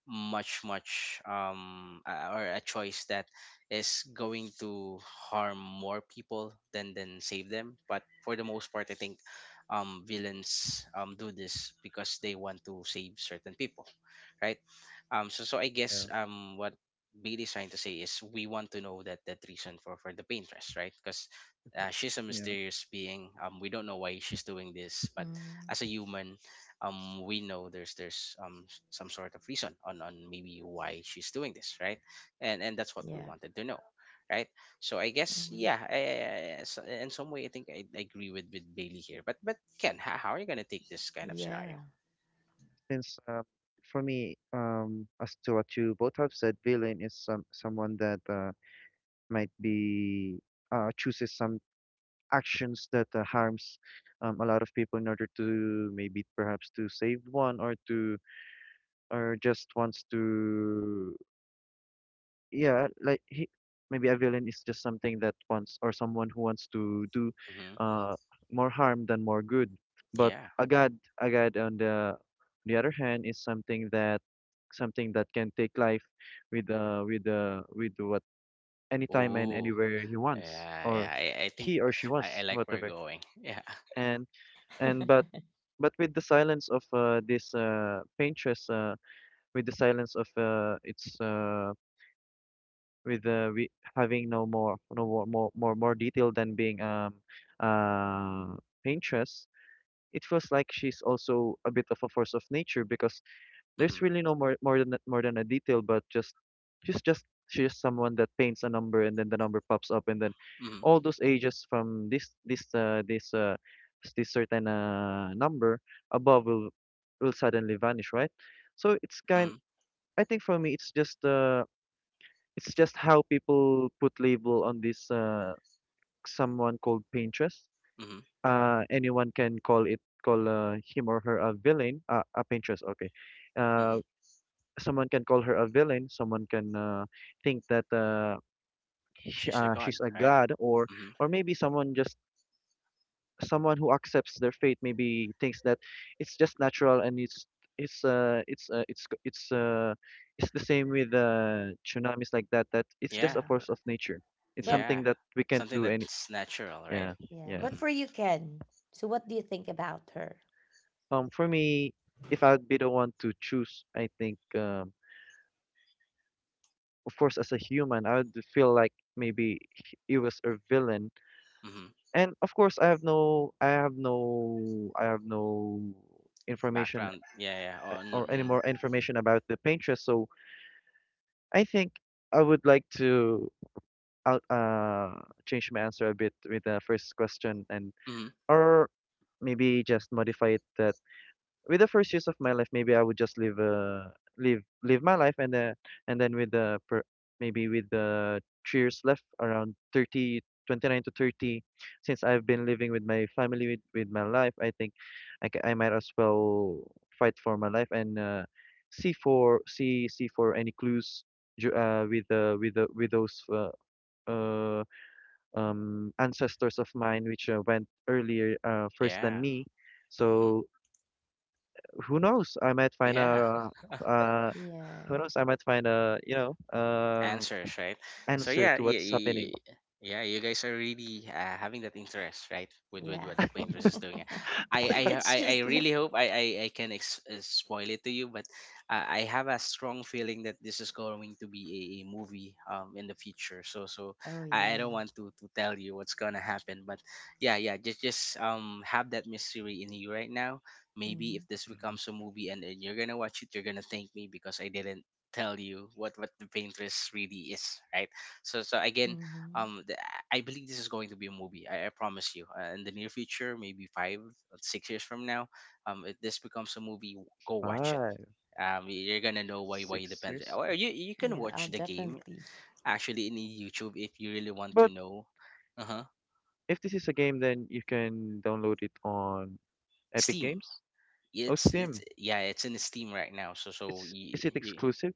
Speaker 1: much much or a choice that is going to harm more people than save them. But for the most part, I think villains do this because they want to save certain people, right? So so I guess
Speaker 3: yeah,
Speaker 1: what Bailey's trying to say is we want to know that reason for the paintress, right? Because she's a
Speaker 3: yeah.
Speaker 1: mysterious being. We don't know why she's doing this, but
Speaker 2: Mm.
Speaker 1: as a human, we know some sort of reason on maybe why she's doing this, right? And that's what we
Speaker 2: Yeah.
Speaker 1: wanted to know, right? So I guess yeah,
Speaker 2: Hmm.
Speaker 1: in some way I think I agree with Bailey here. But Ken, how are you gonna take this kind of scenario?
Speaker 2: Yeah.
Speaker 3: Since for me, as to what you both have said, villain is someone that, might be chooses some actions that, harms, a lot of people in order to maybe, perhaps, to save one, or to, or just wants to, yeah, like maybe a villain is just something that wants, or someone who wants to do
Speaker 1: Mm-hmm.
Speaker 3: uh more harm than more good. But
Speaker 1: Yeah.
Speaker 3: a god on the other hand is something that, something that can take life with what, anytime and
Speaker 1: Ooh.
Speaker 3: anywhere he wants,
Speaker 1: Yeah, yeah.
Speaker 3: or
Speaker 1: I think
Speaker 3: he or she
Speaker 1: I
Speaker 3: wants,
Speaker 1: like where you're
Speaker 3: whatever.
Speaker 1: going. Yeah. *laughs*
Speaker 3: And and
Speaker 2: *laughs*
Speaker 3: but with the silence of, this, paintress, with the silence of, its, with, we having no more more detail than being uh paintress, it feels like she's also a bit of a force of nature because there's
Speaker 1: Mm-hmm.
Speaker 3: really no more than more than a detail, but just she's just someone that paints a number, and then the number pops up, and then
Speaker 1: Mm-hmm.
Speaker 3: all those ages from this certain, number above will suddenly vanish, right? So it's kind,
Speaker 1: Mm-hmm.
Speaker 3: I think for me it's just, how people put label on this, someone called Pinterest.
Speaker 1: Mm-hmm.
Speaker 3: Anyone can call him or her a villain, a Pinterest, okay. Uh
Speaker 1: Mm-hmm.
Speaker 3: Someone can call her a villain, someone can, think that, sh
Speaker 1: She's a god,
Speaker 3: she's a
Speaker 1: right?
Speaker 3: god, or
Speaker 1: Mm-hmm.
Speaker 3: maybe someone who accepts their fate maybe thinks that it's just natural, and it's uh it's uh, it's c- it's uh it's the same with tsunamis, like that it's just
Speaker 1: Yeah.
Speaker 3: a
Speaker 2: Yeah.
Speaker 3: force of nature, it's
Speaker 2: But
Speaker 3: something
Speaker 1: Yeah.
Speaker 3: that we can't
Speaker 1: Something
Speaker 3: do any.
Speaker 1: that's natural, right?
Speaker 3: Yeah,
Speaker 2: yeah,
Speaker 3: yeah.
Speaker 2: but
Speaker 1: Mm-hmm.
Speaker 2: for you, Ken, so what do you think about her?
Speaker 3: For me, if I'd be the one to choose, I think, of course as a human, I would feel like maybe he was a villain,
Speaker 1: Mm-hmm.
Speaker 3: and of course I have no I have no I have no information,
Speaker 1: Background. Yeah, yeah.
Speaker 3: or any
Speaker 1: Oh,
Speaker 3: more information about the Pinterest. So I think I would like to out change my answer a bit with the first question, and,
Speaker 1: mm-hmm.
Speaker 3: or maybe just modify it, that with the first years of my life, maybe I would just live my life, and, and then with the 3 years left around 30, 29 to 30, since I've been living with my family, with my life, I think I might as well fight for my life, and, see for, see for any clues, ju- with the with the with those, uh, ancestors of mine, which, went earlier, first than
Speaker 1: Yeah.
Speaker 3: me,
Speaker 1: Mm-hmm.
Speaker 3: so who knows? I might find
Speaker 1: Yeah.
Speaker 3: a,
Speaker 1: *laughs*
Speaker 3: uh who
Speaker 2: Yeah.
Speaker 3: knows? I might find a,
Speaker 1: Answers, right? So
Speaker 3: answer
Speaker 1: yeah,
Speaker 3: to
Speaker 1: yeah,
Speaker 3: what's happening.
Speaker 1: yeah. You guys are really having that interest, right? With
Speaker 2: Yeah.
Speaker 1: what the painters is doing.
Speaker 2: *laughs* It's
Speaker 1: I
Speaker 2: just like,
Speaker 1: really hope I can spoil it to you. But I have a strong feeling that this is going to be a movie in the future. So so
Speaker 2: oh,
Speaker 1: I
Speaker 2: yeah.
Speaker 1: don't want to tell you what's gonna happen, but yeah, yeah. Just have that mystery in you right now. Maybe
Speaker 2: Mhm.
Speaker 1: if this becomes a movie, and you're gonna watch it, you're gonna thank me because I didn't tell you what the painters really is, right? So so again
Speaker 2: Mhm.
Speaker 1: um the, I believe this is going to be a movie. I promise you in the near future, maybe 5 6 years from now, if this becomes a movie, go watch it.
Speaker 3: Five
Speaker 1: You're gonna know why you
Speaker 3: six
Speaker 1: depend,
Speaker 3: years
Speaker 1: or
Speaker 3: ago.
Speaker 1: you can
Speaker 2: Yeah, I'll
Speaker 1: watch the game
Speaker 2: definitely.
Speaker 1: actually in YouTube if you really want to
Speaker 3: But
Speaker 1: know. Uh-huh.
Speaker 3: if this is a game, then you can download it on Epic
Speaker 1: Steam.
Speaker 3: Games. Oh,
Speaker 1: it's it's
Speaker 3: Steam.
Speaker 1: yeah it's in Steam right now. So so
Speaker 3: It's Is it exclusive?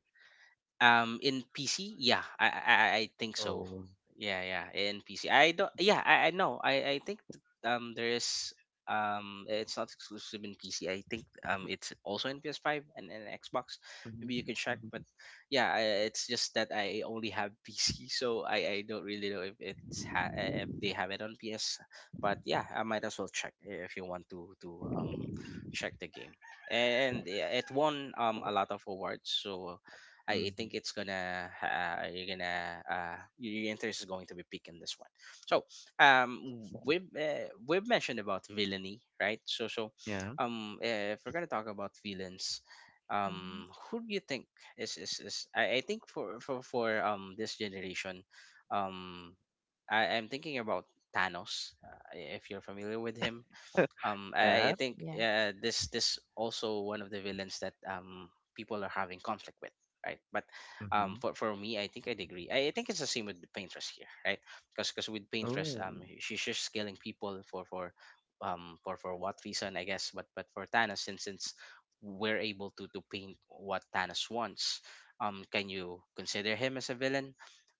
Speaker 1: um, in PC, yeah, I think so.
Speaker 3: Oh.
Speaker 1: Yeah, yeah, in PC. I don't. Yeah, I know. I think there is it's not exclusive in PC. I think it's also in PS5 and Xbox.
Speaker 3: Hmm.
Speaker 1: Maybe you can check.
Speaker 3: Hmm.
Speaker 1: But yeah, I, it's just that I only have *laughs* PC, so I don't really know if it's if they have it on PS. But yeah, I might as well check if you want to check the game. And yeah, it won a lot of awards. So I think
Speaker 3: Hmm.
Speaker 1: it's gonna you're gonna your interest is going to be piqued in this one. So we've mentioned about villainy, right? So so
Speaker 3: Yeah.
Speaker 1: if we're gonna talk about villains,
Speaker 2: Mhm.
Speaker 1: who do you think is, I think for this generation, um, I am thinking about Thanos. If you're familiar with him,
Speaker 3: *laughs* Yeah.
Speaker 1: I think
Speaker 2: Yeah.
Speaker 1: this this also one of the villains that people are having conflict with, right? But
Speaker 3: Mm-hmm.
Speaker 1: for me, I think I'd agree. I think it's the same with the paintress here, right? Because with paintress
Speaker 3: Oh,
Speaker 1: she's just killing people for what reason, I guess. But for Thanos, since we're able to paint what Thanos wants, can you consider him as a villain?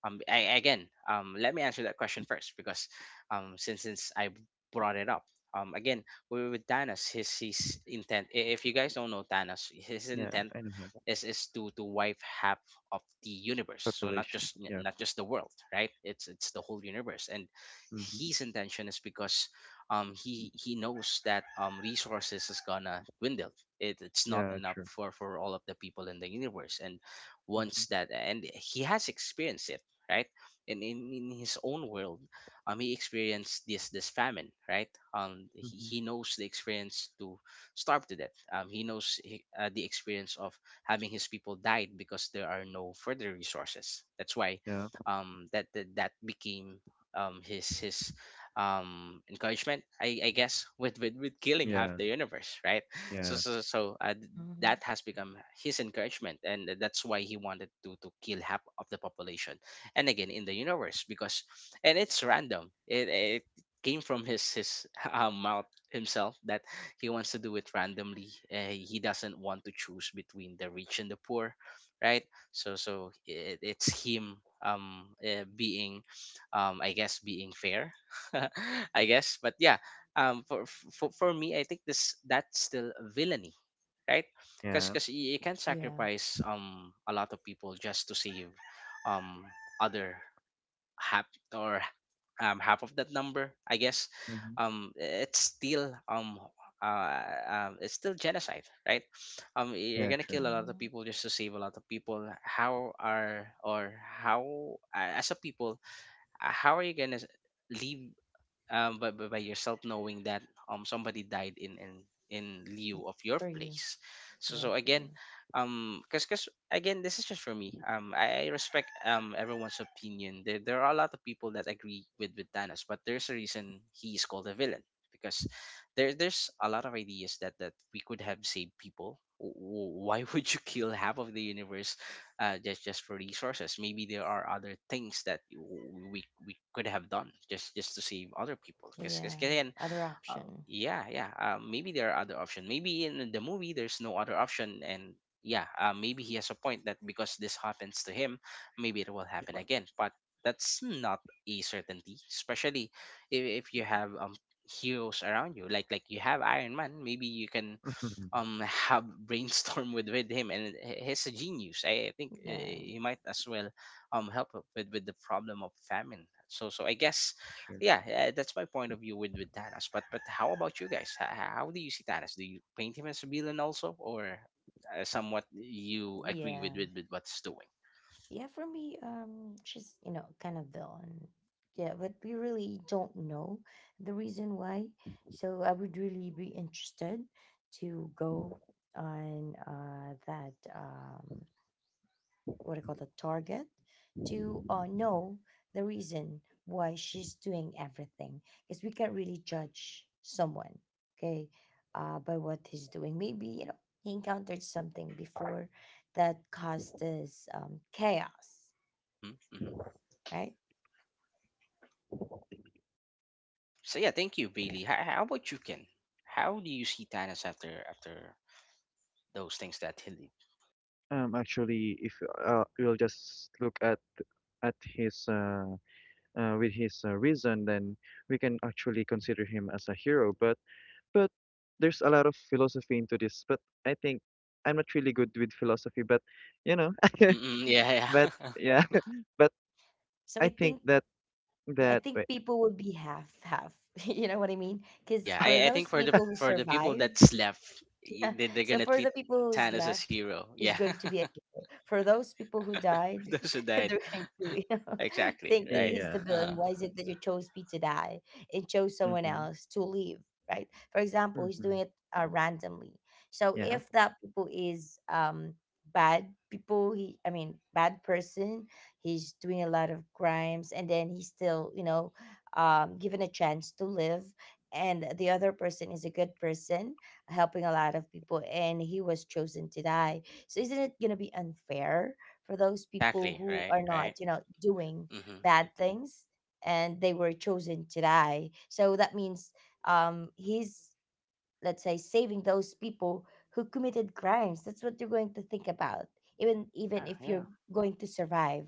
Speaker 1: Again, let me answer that question first, because since I brought it up. Again, we with Thanos, his intent. If you guys don't know Thanos, his
Speaker 3: yeah,
Speaker 1: intent
Speaker 3: I know how that.
Speaker 1: is to wipe half of the universe. So
Speaker 3: Population. Yeah.
Speaker 1: not just the world, right? It's the whole universe. And
Speaker 3: Mm-hmm.
Speaker 1: his intention is because he knows that resources is gonna dwindle. It, it's not
Speaker 3: Yeah,
Speaker 1: enough
Speaker 3: true.
Speaker 1: for all of the people in the universe. And
Speaker 3: Mm-hmm.
Speaker 1: once that, and he has experienced it, right? And in his own world, he experienced this famine, right?
Speaker 3: Hmm.
Speaker 1: He knows the experience to starve to death. He knows the experience of having his people died because there are no further resources. That's why
Speaker 3: Yeah.
Speaker 1: that that became his encouragement, I guess, *laughs* with, with killing half
Speaker 3: Yeah.
Speaker 1: the universe, right? So
Speaker 3: Yeah.
Speaker 1: so so uh, th-
Speaker 2: Mhm.
Speaker 1: that has become his encouragement, and that's why he wanted to kill half of the population, and again in the universe and it's random. It came from his *laughs* mouth himself that he wants to do it randomly. He doesn't want to choose between the rich and the poor, right? It's him being being fair. *laughs* I guess, but yeah, for me I think this that's still villainy, right? Cuz
Speaker 3: Yeah.
Speaker 1: cuz you can
Speaker 2: Yeah.
Speaker 1: sacrifice a lot of people just to save um other hap or half of that number, I guess.
Speaker 3: Mm-hmm.
Speaker 1: um, it's still um, uh, it's still genocide, right? You're
Speaker 3: Yeah,
Speaker 1: gonna
Speaker 3: true.
Speaker 1: kill a lot of
Speaker 2: Mhm.
Speaker 1: people just to save a lot of people. How are or how As a people, how are you gonna live by, by yourself knowing that somebody died in lieu of your
Speaker 2: For you.
Speaker 1: place. So
Speaker 2: Yeah,
Speaker 1: so
Speaker 2: for you.
Speaker 1: again Because again, this is just for me. I respect everyone's opinion. There are a lot of people that agree with Thanos, but there's a reason he is called a villain, because there's a lot of ideas that we could have saved people. Why *laughs* would you kill half of the universe, just for resources? Maybe there are other things that we could have done just to save other people. Because
Speaker 2: Yeah.
Speaker 1: again,
Speaker 2: Other option.
Speaker 1: yeah, maybe there are other options. Maybe in the movie there's no other option, and yeah, maybe he has a point that because this happens to him, maybe it will happen again. But that's not a certainty, especially if you have heroes around you. Like you have Iron Man, maybe you can
Speaker 3: Mhm.
Speaker 1: um have *laughs* brainstorm with him, and he's a genius. I think
Speaker 2: Yeah.
Speaker 1: he might as well help up with the problem of famine. So I guess,
Speaker 3: Sure.
Speaker 1: yeah, that's my point of view with Thanos. But how about you guys? How do you see Thanos? Do you paint him as a villain also, or somewhat you agree with
Speaker 2: Yeah.
Speaker 1: what's doing?
Speaker 2: Yeah, for me, she's, you know, kind of dull, and yeah, but we really don't know the reason why. So I would really be interested to go on that what I call the target to, know the reason why she's doing everything, because we can't really judge someone. Okay, by what he's doing. Maybe, you know, he encountered something before that caused this chaos,
Speaker 1: Hmm.
Speaker 2: right?
Speaker 1: So yeah, thank you, Bailey. How about you, Ken? How do you see Thanos after those things that he did?
Speaker 3: Actually, if we'll just look at at his with his reason, then we can actually consider him as a hero. But there's a lot of philosophy into this. But I think I'm not really good with philosophy. But you know, *laughs*
Speaker 1: Yeah,
Speaker 3: but
Speaker 1: yeah. *laughs*
Speaker 3: yeah, *laughs* but
Speaker 2: So I
Speaker 3: I think
Speaker 2: think,
Speaker 3: that
Speaker 2: yeah, I
Speaker 3: that
Speaker 2: think
Speaker 3: wait,
Speaker 2: people would be half half *laughs* you know what I mean? Because
Speaker 1: Yeah,
Speaker 2: for
Speaker 1: I think
Speaker 2: those
Speaker 1: for the
Speaker 2: people who
Speaker 1: people
Speaker 2: survive,
Speaker 1: that's left, they,
Speaker 2: *laughs*
Speaker 1: they're
Speaker 2: so
Speaker 1: gonna
Speaker 2: for the
Speaker 1: treat
Speaker 2: people who's
Speaker 1: Tan as a
Speaker 2: left,
Speaker 1: hero. Yeah.
Speaker 2: is going to be,
Speaker 1: *laughs*
Speaker 2: for those people who died
Speaker 1: Those who
Speaker 2: *laughs*
Speaker 1: died.
Speaker 2: during Blue,
Speaker 1: *laughs*
Speaker 2: you know, *laughs*
Speaker 1: Exactly.
Speaker 2: think that
Speaker 1: Right.
Speaker 2: he's
Speaker 3: yeah,
Speaker 2: the
Speaker 1: Uh-huh.
Speaker 2: villain. Why is it that you chose me to die and chose someone
Speaker 3: mm-hmm,
Speaker 2: else to live? Right. For example, he's
Speaker 3: mm-hmm,
Speaker 2: doing it, randomly. So
Speaker 3: yeah,
Speaker 2: if that people is, bad people, he I mean, bad person, he's doing a lot of crimes, and then he's still, you know, um, given a chance to live. And the other person is a good person, helping a lot of people, and he was chosen to die. So isn't it going to be unfair for those people
Speaker 1: Exactly.
Speaker 2: who
Speaker 1: Right.
Speaker 2: are
Speaker 1: Right.
Speaker 2: not, you know, doing
Speaker 1: Mm-hmm.
Speaker 2: bad things and they were chosen to die? So that means, he's, let's say, saving those people who committed crimes. That's what you're going to think about, even
Speaker 1: Yeah.
Speaker 2: if
Speaker 1: Yeah.
Speaker 2: you're going to survive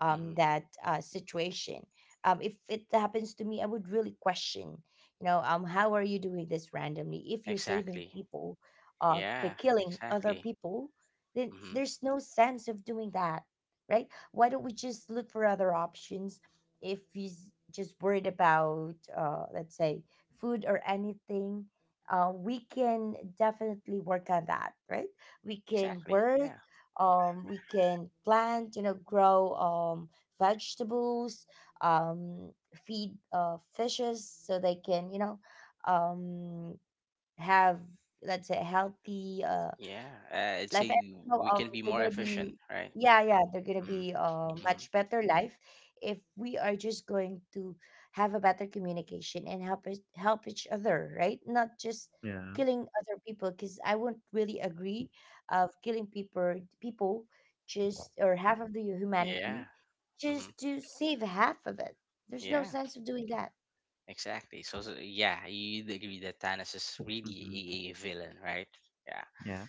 Speaker 1: Mm-hmm.
Speaker 2: that, situation. Um, if it happens to me, I would really question, you know, how are you doing this randomly, if you're saving
Speaker 1: Exactly.
Speaker 2: people, by
Speaker 1: Yeah.
Speaker 2: killing other
Speaker 1: Exactly.
Speaker 2: people? Then
Speaker 1: Mm-hmm.
Speaker 2: there's no sense of doing that, right? Why don't we just look for other options? If he's just worried about, let's say, food or anything, we can definitely work on that, right? We can
Speaker 1: Exactly.
Speaker 2: work,
Speaker 1: Yeah.
Speaker 2: we can plant, you know, grow, vegetables, um, feed, fishes, so they can, you know, um, have, let's say, healthy,
Speaker 1: Yeah. I'd
Speaker 2: life,
Speaker 1: say
Speaker 2: and,
Speaker 1: we
Speaker 2: you know,
Speaker 1: we
Speaker 2: um,
Speaker 1: can be
Speaker 2: they're
Speaker 1: more
Speaker 2: gonna
Speaker 1: efficient.
Speaker 2: be
Speaker 1: Right.
Speaker 2: yeah yeah they're gonna
Speaker 1: Mm-hmm.
Speaker 2: be,
Speaker 1: Mm-hmm.
Speaker 2: much better life if we are just going to have a better communication and help us, help each other, right? Not just
Speaker 3: yeah,
Speaker 2: killing other people, because I wouldn't really agree of killing people, just, or half of the humanity,
Speaker 1: Yeah. Mm-hmm.
Speaker 2: just to save half of it. There's no
Speaker 1: Yeah.
Speaker 2: sense of doing that.
Speaker 1: Exactly. So, so yeah, you'd agree that Thanos is
Speaker 3: mm-hmm,
Speaker 1: really a villain, right? Yeah.
Speaker 3: yeah,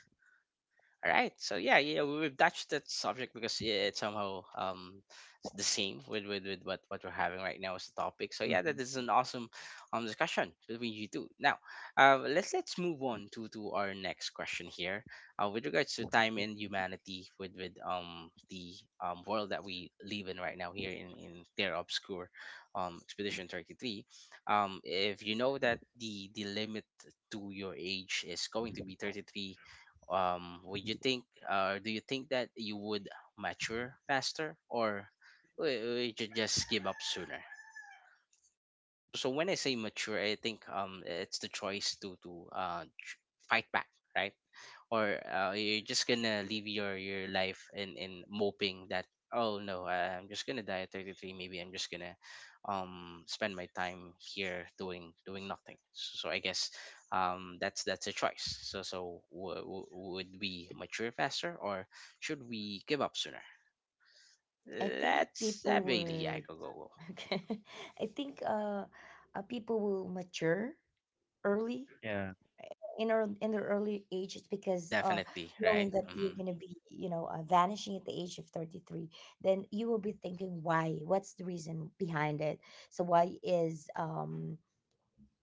Speaker 1: All right. So yeah, yeah, we've touched that subject because yeah, it's somehow it's the same with, with what we're having right now as the topic. So yeah, that is
Speaker 3: mm-hmm,
Speaker 1: an awesome discussion between you two. Now, let's move on to our next question here. With regards to time and humanity, with the world that we live in right now, here in Terra Obscure, Expedition 33. If you know that the limit to your age is going to be 33, would you think, or do you think that you would mature faster, or would you just give up sooner? When I say mature, I think it's the choice to fight back, right? Or you're just gonna live your life in moping that, oh no, I'm just gonna die at 33, maybe I'm just gonna spend my time here doing nothing. So I guess that's a choice. Would we mature faster, or should we give up sooner?
Speaker 2: I think
Speaker 1: Let's
Speaker 2: people
Speaker 1: have a, yeah,
Speaker 2: would,
Speaker 1: go.
Speaker 2: *laughs* okay, I think, people will mature early,
Speaker 3: yeah,
Speaker 2: in their early age. It's because,
Speaker 1: Definitely,
Speaker 2: knowing
Speaker 1: right?
Speaker 2: that you're
Speaker 1: Hmm.
Speaker 2: going to be, you know, vanishing at the age of 33, then you will be thinking why, what's the reason behind it? So why is,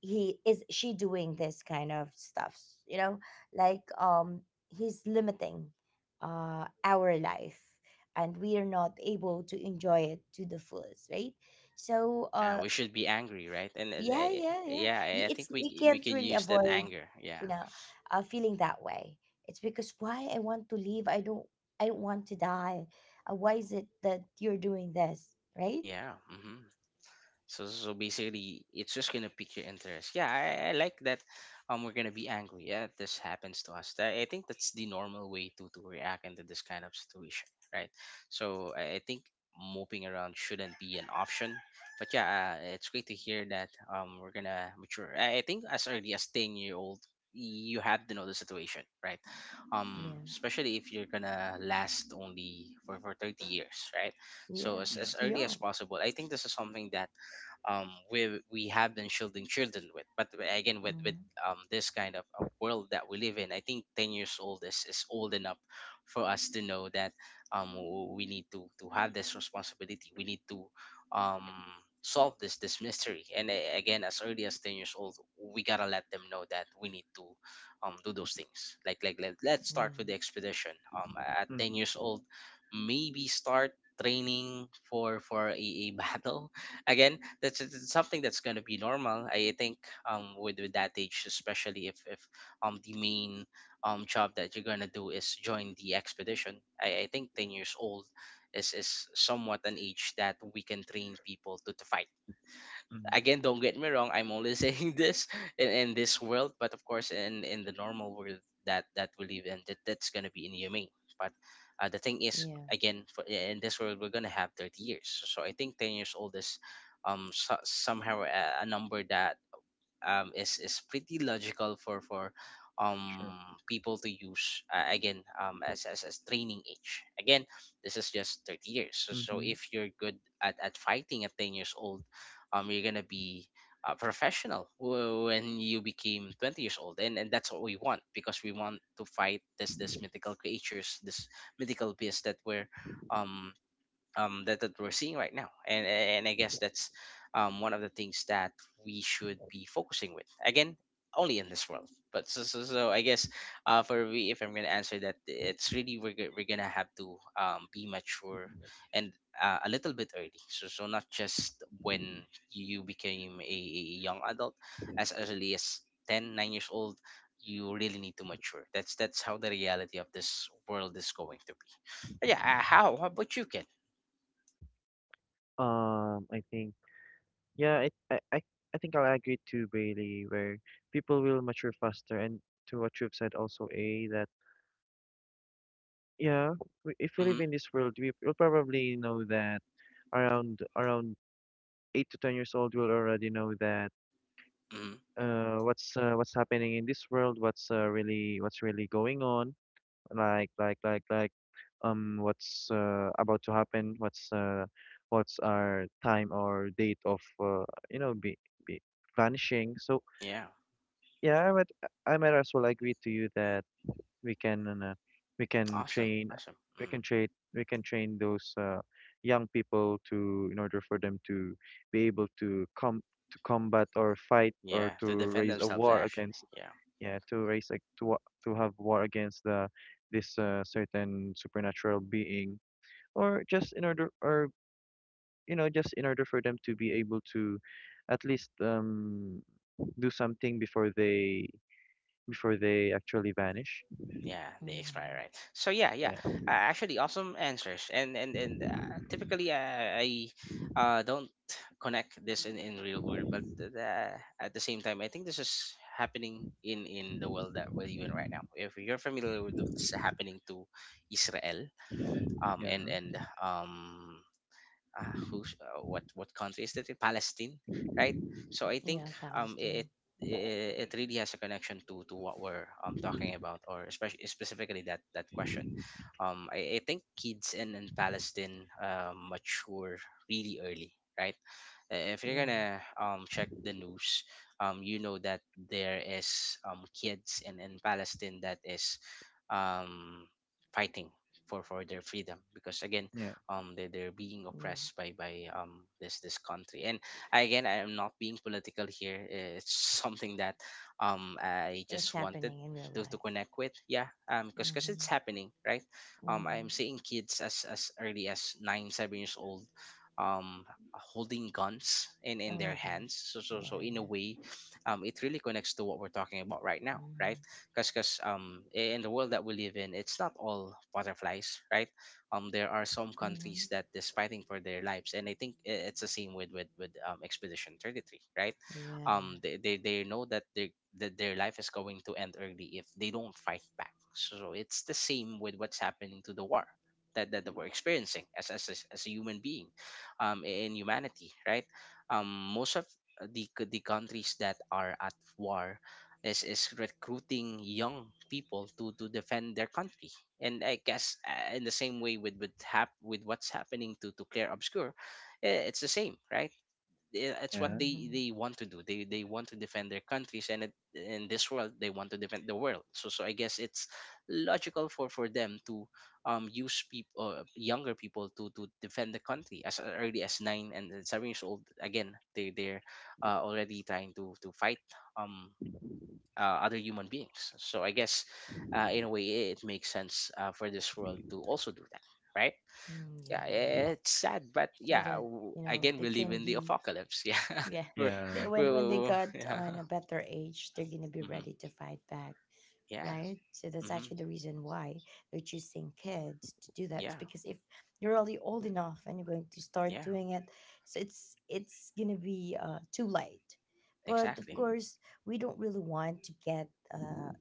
Speaker 2: he is she doing this kind of stuff, you know, like, he's limiting our life, and we are not able to enjoy it to the fullest, right? So,
Speaker 1: Yeah,
Speaker 2: uh,
Speaker 1: we should be angry, right? and, and
Speaker 2: yeah,
Speaker 1: uh,
Speaker 2: yeah, yeah.
Speaker 1: yeah, I think
Speaker 2: It's,
Speaker 1: we
Speaker 2: you
Speaker 1: we
Speaker 2: can't
Speaker 1: can
Speaker 2: really
Speaker 1: use that
Speaker 2: avoid,
Speaker 1: anger. Yeah,
Speaker 2: you know, feeling that way. It's because, why I want to leave? I don't. I don't want to die. Why is it that you're doing this, right?
Speaker 1: yeah. Mm-hmm. So, basically, it's just gonna pique your interest. Yeah, I like that. We're gonna be angry. Yeah, this happens to us. I think that's the normal way to react into this kind of situation, right? So I think moping around shouldn't be an option. But yeah, it's great to hear that. We're gonna mature. I think as early as 10 year old, you have to know the situation, right?
Speaker 2: Yeah,
Speaker 1: Especially if you're gonna last only for 30 years, right? So
Speaker 2: yeah.
Speaker 3: yeah,
Speaker 2: It's
Speaker 1: as
Speaker 2: too
Speaker 1: early as
Speaker 2: young.
Speaker 1: possible. I think this is something that we have been shielding children with. But again, with
Speaker 2: Hmm.
Speaker 1: this kind of world that we live in, I think 10 years old is old enough for us to know that um, we need to have this responsibility. We need to um, solve this mystery. And again, as early as 10 years old, we gotta let them know that we need to do those things. Like let's
Speaker 2: Yeah,
Speaker 1: start with the expedition. Um, at 10 years
Speaker 3: mm-hmm,
Speaker 1: old, maybe start training for a *laughs* battle. Again, that's it's something that's going to be normal, I think, with that age, especially if the main job that you're going to do is join the expedition. I think 10 years old is somewhat an age that we can train people to fight.
Speaker 3: mm-hmm,
Speaker 1: Again, don't get me wrong, I'm only *laughs* saying this in this world, but of course, in the normal world that we live in, that, that's going to be inhumane. But the thing is,
Speaker 2: yeah.
Speaker 1: again, in this world we're going to have 30 years, so I think 10 years old is so, somehow a number that is pretty logical for
Speaker 3: sure.
Speaker 1: um people to use, again, as, as training age. Again, this is just 30 years, so
Speaker 3: Mm-hmm.
Speaker 1: if you're good at fighting at 10 years old, you're gonna be a professional when you became 20 years old. And that's what we want, because we want to fight this this mythical creatures, this mythical beast that we're um that we're seeing right now. And I guess that's one of the things that we should be focusing with. Again, only in this world. But so I guess, for me, if I'm going to answer that, it's really we're, we're going to have to be mature and a little bit early. So, so not just when you became a young adult, as early as 10 9 years old, you really need to mature. That's how the reality of this world is going to be. But yeah, how about you, Ken?
Speaker 3: I think. Yeah, I think I'll agree too, Bailey, where people will mature faster. And to what you've said also, A, that yeah, we, if we live
Speaker 1: Mm-hmm.
Speaker 3: in this world, we'll probably know that around 8 to 10 years old, we'll already know that
Speaker 1: Hmm.
Speaker 3: what's what's happening in this world, what's really going on, like what's about to happen, what's what's our time or date of you know, be vanishing. So
Speaker 1: Yeah.
Speaker 3: yeah, I might as well agree to you that we can, uh, we can
Speaker 1: Awesome.
Speaker 3: train,
Speaker 1: Awesome.
Speaker 3: we
Speaker 1: Hmm.
Speaker 3: can train, we can train those young people to, in order for them to be able to come to combat or fight or
Speaker 1: Yeah.
Speaker 3: to
Speaker 1: To defend
Speaker 3: raise a
Speaker 1: themselves,
Speaker 3: war
Speaker 1: actually.
Speaker 3: against.
Speaker 1: Yeah.
Speaker 3: Yeah, to raise like to have war against the this certain supernatural being, or just in order, or you know, just in order for them to be able to, at least do something before they actually vanish.
Speaker 1: Yeah. They expire,
Speaker 2: Hmm.
Speaker 1: right? So yeah, yeah.
Speaker 3: Yeah,
Speaker 1: Actually, awesome answers. And typically, I don't connect this in real world, but at the same time, I think this is happening in the world that we're in right now. If you're familiar with what's happening to Israel,
Speaker 3: yeah,
Speaker 1: and who's, what country is that, in Palestine, right? So I think
Speaker 2: Yeah.
Speaker 1: it
Speaker 2: Palestine.
Speaker 1: it really has a connection to what we're talking about, or especially specifically that question. I think kids in Palestine mature really early, right? If you're
Speaker 2: Yeah,
Speaker 1: gonna check the news, you know that there is kids in Palestine that is um fighting for their freedom because again
Speaker 3: yeah,
Speaker 1: they're being
Speaker 2: yeah.
Speaker 1: oppressed by this country. And again, I am not being political here, eh, it's *laughs* something that I
Speaker 2: It's
Speaker 1: just wanted
Speaker 2: happening in real
Speaker 1: to
Speaker 2: life.
Speaker 1: connect with, yeah, because it's
Speaker 2: Mm-hmm.
Speaker 1: happening right. I'm
Speaker 2: Mm-hmm.
Speaker 1: seeing kids as early as 9 7 years old um holding guns in
Speaker 2: Oh
Speaker 1: their
Speaker 2: my
Speaker 1: hands.
Speaker 2: gosh.
Speaker 1: So so
Speaker 2: Yeah,
Speaker 1: so in a
Speaker 2: yeah.
Speaker 1: way it really connects to what we're talking about right now, right?
Speaker 2: Mm-hmm.
Speaker 1: In the world that we live in, it's not all butterflies, right? There are some countries
Speaker 2: Mm-hmm.
Speaker 1: that is fighting for their lives, and I think it's the same with expedition 33, right?
Speaker 2: Yeah, yeah.
Speaker 1: They know that they that their life is going to end early if they don't fight back. So it's the same with what's happening to the war that we're experiencing as, as a human being, in humanity, right? um, Most of the countries that are at war is recruiting young people to defend their country. And I guess, in the same way with with what's happening to Claire Obscure, eh, it's the same, right? Eh, it's what
Speaker 3: yeah,
Speaker 2: Mm-hmm.
Speaker 1: they want to do. They want to defend their countries, and it, in this world they want to defend the world. So I guess it's logical for them to use people, younger people, to defend the country as early as 9 and 7 years old. Again, they they're already trying to fight. Um, Other human beings. So I guess, in a way it makes sense, for this world to also do that, right?
Speaker 2: Mm,
Speaker 1: Yeah,
Speaker 2: yeah, yeah.
Speaker 1: it's sad, but
Speaker 2: So
Speaker 1: yeah,
Speaker 2: that you know
Speaker 1: again
Speaker 2: they
Speaker 1: we live
Speaker 2: can
Speaker 1: in the
Speaker 2: be
Speaker 1: apocalypse. *laughs* Yeah,
Speaker 2: yeah
Speaker 1: we're,
Speaker 2: *laughs*
Speaker 3: yeah.
Speaker 2: they, when they
Speaker 1: we're
Speaker 2: got
Speaker 1: yeah,
Speaker 2: on a better age they're gonna be
Speaker 1: hmm,
Speaker 2: ready to fight back
Speaker 1: yeah,
Speaker 2: right. So that's
Speaker 1: hmm,
Speaker 2: actually the reason why they're choosing kids to do that.
Speaker 1: yeah,
Speaker 2: It's because if you're already old enough and you're going to start
Speaker 1: yeah,
Speaker 2: doing it, so it's gonna be too late. But of
Speaker 1: exactly,
Speaker 2: course we don't really want to get uh,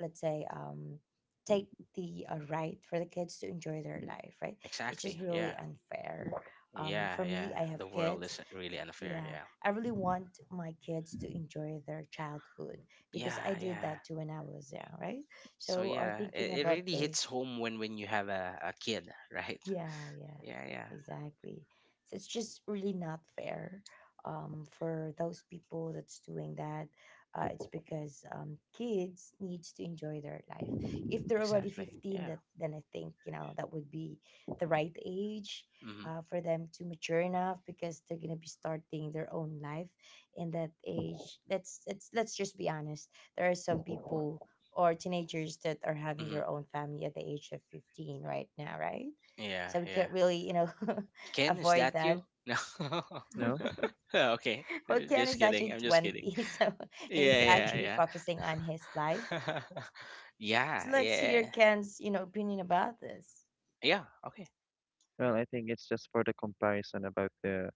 Speaker 2: let's say take the right for the kids to enjoy their life, right? It's just
Speaker 1: exactly,
Speaker 2: really
Speaker 1: yeah,
Speaker 2: unfair.
Speaker 1: yeah,
Speaker 2: For
Speaker 1: yeah.
Speaker 2: me, I have
Speaker 1: The world
Speaker 2: kids.
Speaker 1: is really unfair.
Speaker 2: Yeah,
Speaker 1: Yeah,
Speaker 2: I really want my kids to enjoy their childhood because I
Speaker 1: yeah,
Speaker 2: did
Speaker 1: yeah.
Speaker 2: that too when I was young, right?
Speaker 1: So
Speaker 2: So
Speaker 1: yeah,
Speaker 2: thinking
Speaker 1: it
Speaker 2: about
Speaker 1: really
Speaker 2: the,
Speaker 1: hits home when you have a kid, right? *laughs*
Speaker 2: yeah, yeah,
Speaker 1: Yeah, yeah,
Speaker 2: exactly. So it's just really not fair, for those people that's doing that. It's because kids needs to enjoy their life. If they're already
Speaker 1: exactly,
Speaker 2: 15,
Speaker 1: yeah.
Speaker 2: that then I think, you know, that would be the right age
Speaker 1: Mm-hmm.
Speaker 2: for them to mature enough, because they're gonna be starting their own life in that age. Let's just be honest. There are some people or teenagers that are having
Speaker 1: Mm-hmm.
Speaker 2: their own family at the age of 15 right now, right?
Speaker 1: Yeah,
Speaker 2: So we
Speaker 1: yeah.
Speaker 2: could really, you know, *laughs*
Speaker 1: Ken, is
Speaker 2: avoid
Speaker 1: that
Speaker 2: that.
Speaker 1: you? *laughs* No.
Speaker 3: No,
Speaker 1: *laughs* Okay.
Speaker 2: *laughs* Well, Ken
Speaker 1: Just
Speaker 2: is
Speaker 1: kidding.
Speaker 2: actually
Speaker 1: I'm just kidding.
Speaker 2: 20, *laughs* so
Speaker 1: *laughs*
Speaker 2: he's
Speaker 1: Yeah, yeah,
Speaker 2: actually
Speaker 1: yeah.
Speaker 2: focusing on his life.
Speaker 1: *laughs* Yeah,
Speaker 2: So let's hear
Speaker 1: yeah.
Speaker 2: Ken's, you know, opinion about this.
Speaker 1: Yeah, okay.
Speaker 3: well, I think it's just for the comparison about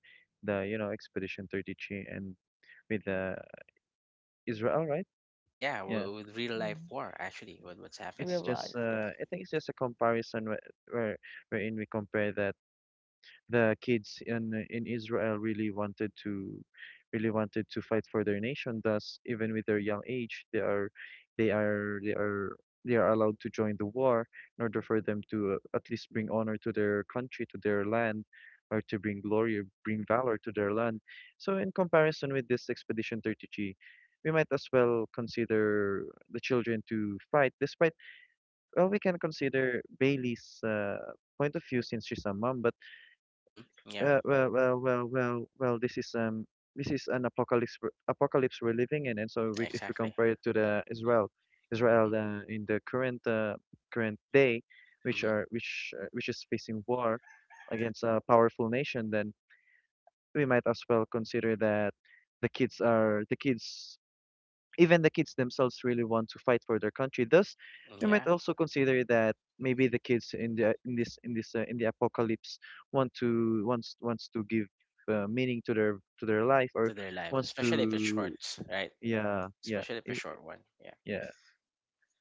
Speaker 3: the you know Expedition 33 and with the Israel, right?
Speaker 1: Yeah,
Speaker 3: Yeah,
Speaker 1: with real life
Speaker 2: Mm,
Speaker 1: war, actually, with what's happening.
Speaker 3: it's
Speaker 2: real
Speaker 3: just
Speaker 2: life, yeah.
Speaker 3: I think it's just a comparison where wherein we compare that the kids in Israel really wanted to fight for their nation. Thus, even with their young age, they are they are they are allowed to join the war in order for them to at least bring honor to their country, to their land, or to bring glory, or bring valor to their land. So, in comparison with this Expedition 30G, we might as well consider the children to fight. Despite well, we can consider Bailey's point of view since she's a mom, but
Speaker 1: Hmm. Yeah,
Speaker 3: well, well, well, well, well. This is an apocalypse apocalypse we're living in, and so we, if we
Speaker 1: exactly.
Speaker 3: compare it to the Israel
Speaker 1: Hmm.
Speaker 3: in the current current day, which
Speaker 1: Hmm.
Speaker 3: are which is facing war against a powerful nation, then we might as well consider that the kids are the kids even the kids themselves really want to fight for their country. Thus, we
Speaker 1: Yeah,
Speaker 3: might also consider that maybe the kids in the in this in this in the apocalypse want to wants to give meaning to their life or
Speaker 1: to their lives,
Speaker 3: wants
Speaker 1: especially if it's short,
Speaker 3: to
Speaker 1: right?
Speaker 3: yeah yeah
Speaker 1: Especially if
Speaker 3: i
Speaker 1: it's short one. Yeah.
Speaker 3: yeah.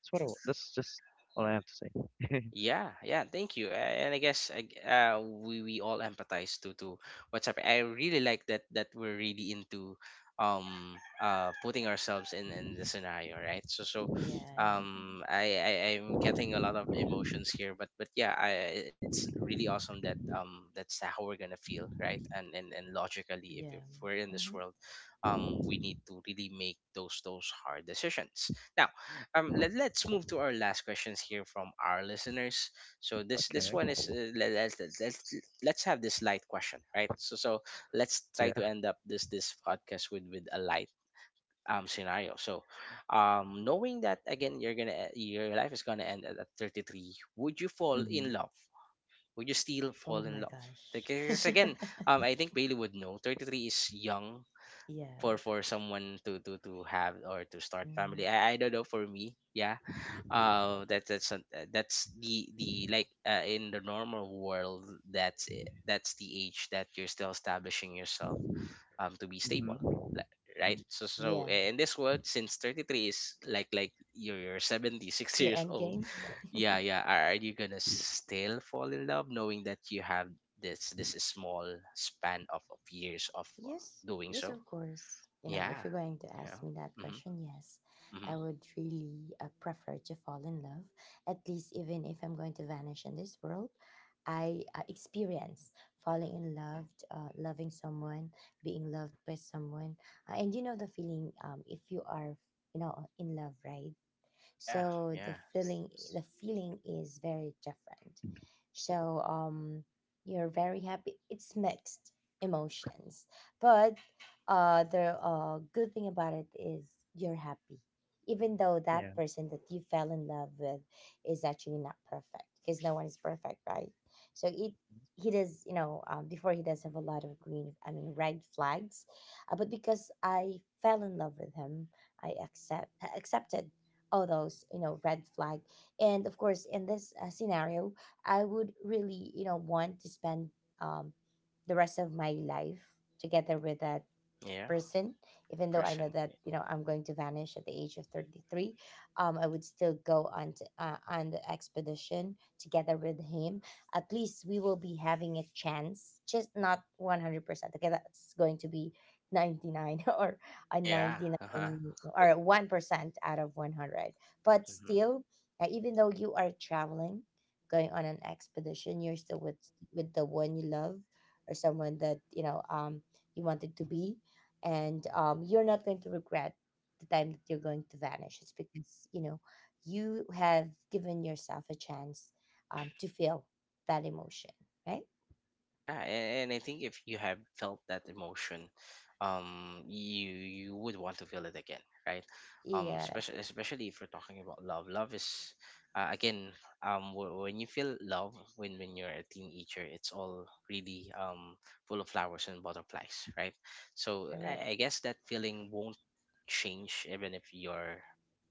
Speaker 3: That's just all I have to say. *laughs*
Speaker 1: Yeah, yeah, thank you. And I guess we all empathize to what's happening. I really like that that we're really into putting ourselves in the scenario, right? So
Speaker 2: Yeah,
Speaker 1: I I'm getting a lot of emotions here, but yeah, it's really awesome that that's how we're gonna feel, right? And logically,
Speaker 2: yeah.
Speaker 1: if we're in
Speaker 2: yeah. Hmm.
Speaker 1: this world, we need to really make those hard decisions. Now let's move to our last questions here from our listeners. So this
Speaker 3: Okay.
Speaker 1: one is, let's have this light question, right? So let's try to
Speaker 3: Yeah.
Speaker 1: end up this this podcast with a light scenario. So knowing that again you're gonna your life is gonna end at 33, would you fall in
Speaker 3: Mhm.
Speaker 1: love, would you
Speaker 2: Oh,
Speaker 1: still fall
Speaker 2: oh
Speaker 1: in
Speaker 2: my
Speaker 1: love?
Speaker 2: gosh.
Speaker 1: Because again, I think Bailey would know 33 is young
Speaker 2: *laughs* Yeah.
Speaker 1: for someone to have or to start
Speaker 2: Mm,
Speaker 1: family. I don't know, for me, yeah, that that's that's the like, in the normal world that's it. That's the age that you're still establishing yourself to be
Speaker 3: Mhm.
Speaker 1: stable, right?
Speaker 3: Mhm.
Speaker 1: So
Speaker 2: yeah.
Speaker 1: in this world, since 33 is like you're 70 *laughs*
Speaker 2: Your
Speaker 1: years
Speaker 2: end.
Speaker 1: old, yeah, yeah, are you gonna still fall in love knowing that you have this small span of years of,
Speaker 2: Yes,
Speaker 1: doing
Speaker 2: yes,
Speaker 1: so,
Speaker 2: of course. You know,
Speaker 1: yeah,
Speaker 2: if you're going to
Speaker 1: yeah,
Speaker 2: ask me that question,
Speaker 1: mm-hmm,
Speaker 2: yes,
Speaker 1: mm-hmm.
Speaker 2: I would really prefer to fall in love. At least, even if I'm going to vanish in this world, I experience falling in love, loving someone, being loved by someone, and you know the feeling. If you are, you know, in love, right?
Speaker 1: Yeah,
Speaker 2: So
Speaker 1: yeah,
Speaker 2: the feeling is very different. So um, you're very happy. It's mixed emotions, but the good thing about it is you're happy, even though that
Speaker 3: Yeah.
Speaker 2: person that you fell in love with is actually not perfect, because no one is perfect, right? So it, he does, you know, before, he does have a lot of green, I mean red flags, but because I fell in love with him, I accepted all those, you know, red flag. And of course, in this scenario, I would really, you know, want to spend um, the rest of my life together with that
Speaker 1: yeah,
Speaker 2: person, even though I
Speaker 1: person.
Speaker 2: know that, you know, I'm going to vanish at the age of 33. Um, I would still go on to, on the expedition together with him. At least we will be having a chance, just not 100%. Okay, that's going to be 99, *laughs* or a
Speaker 1: Yeah. Uh huh.
Speaker 2: 99 or a 1% out of 100. But
Speaker 1: Hmm.
Speaker 2: still, even though you are traveling, going on an expedition, you're still with the one you love, or someone that you know um, you wanted to be. And you're not going to regret the time that you're going to vanish. It's because, you know, you have given yourself a chance to feel that emotion, right?
Speaker 1: Yeah, and I think if you have felt that emotion, you you would want to feel it again, right?
Speaker 2: Yeah,
Speaker 1: Especially especially if you're talking about love. Love is, again, when you feel love when you're a teenager, it's all really full of flowers and butterflies, right? So
Speaker 2: you're right.
Speaker 1: I guess that feeling won't change even if your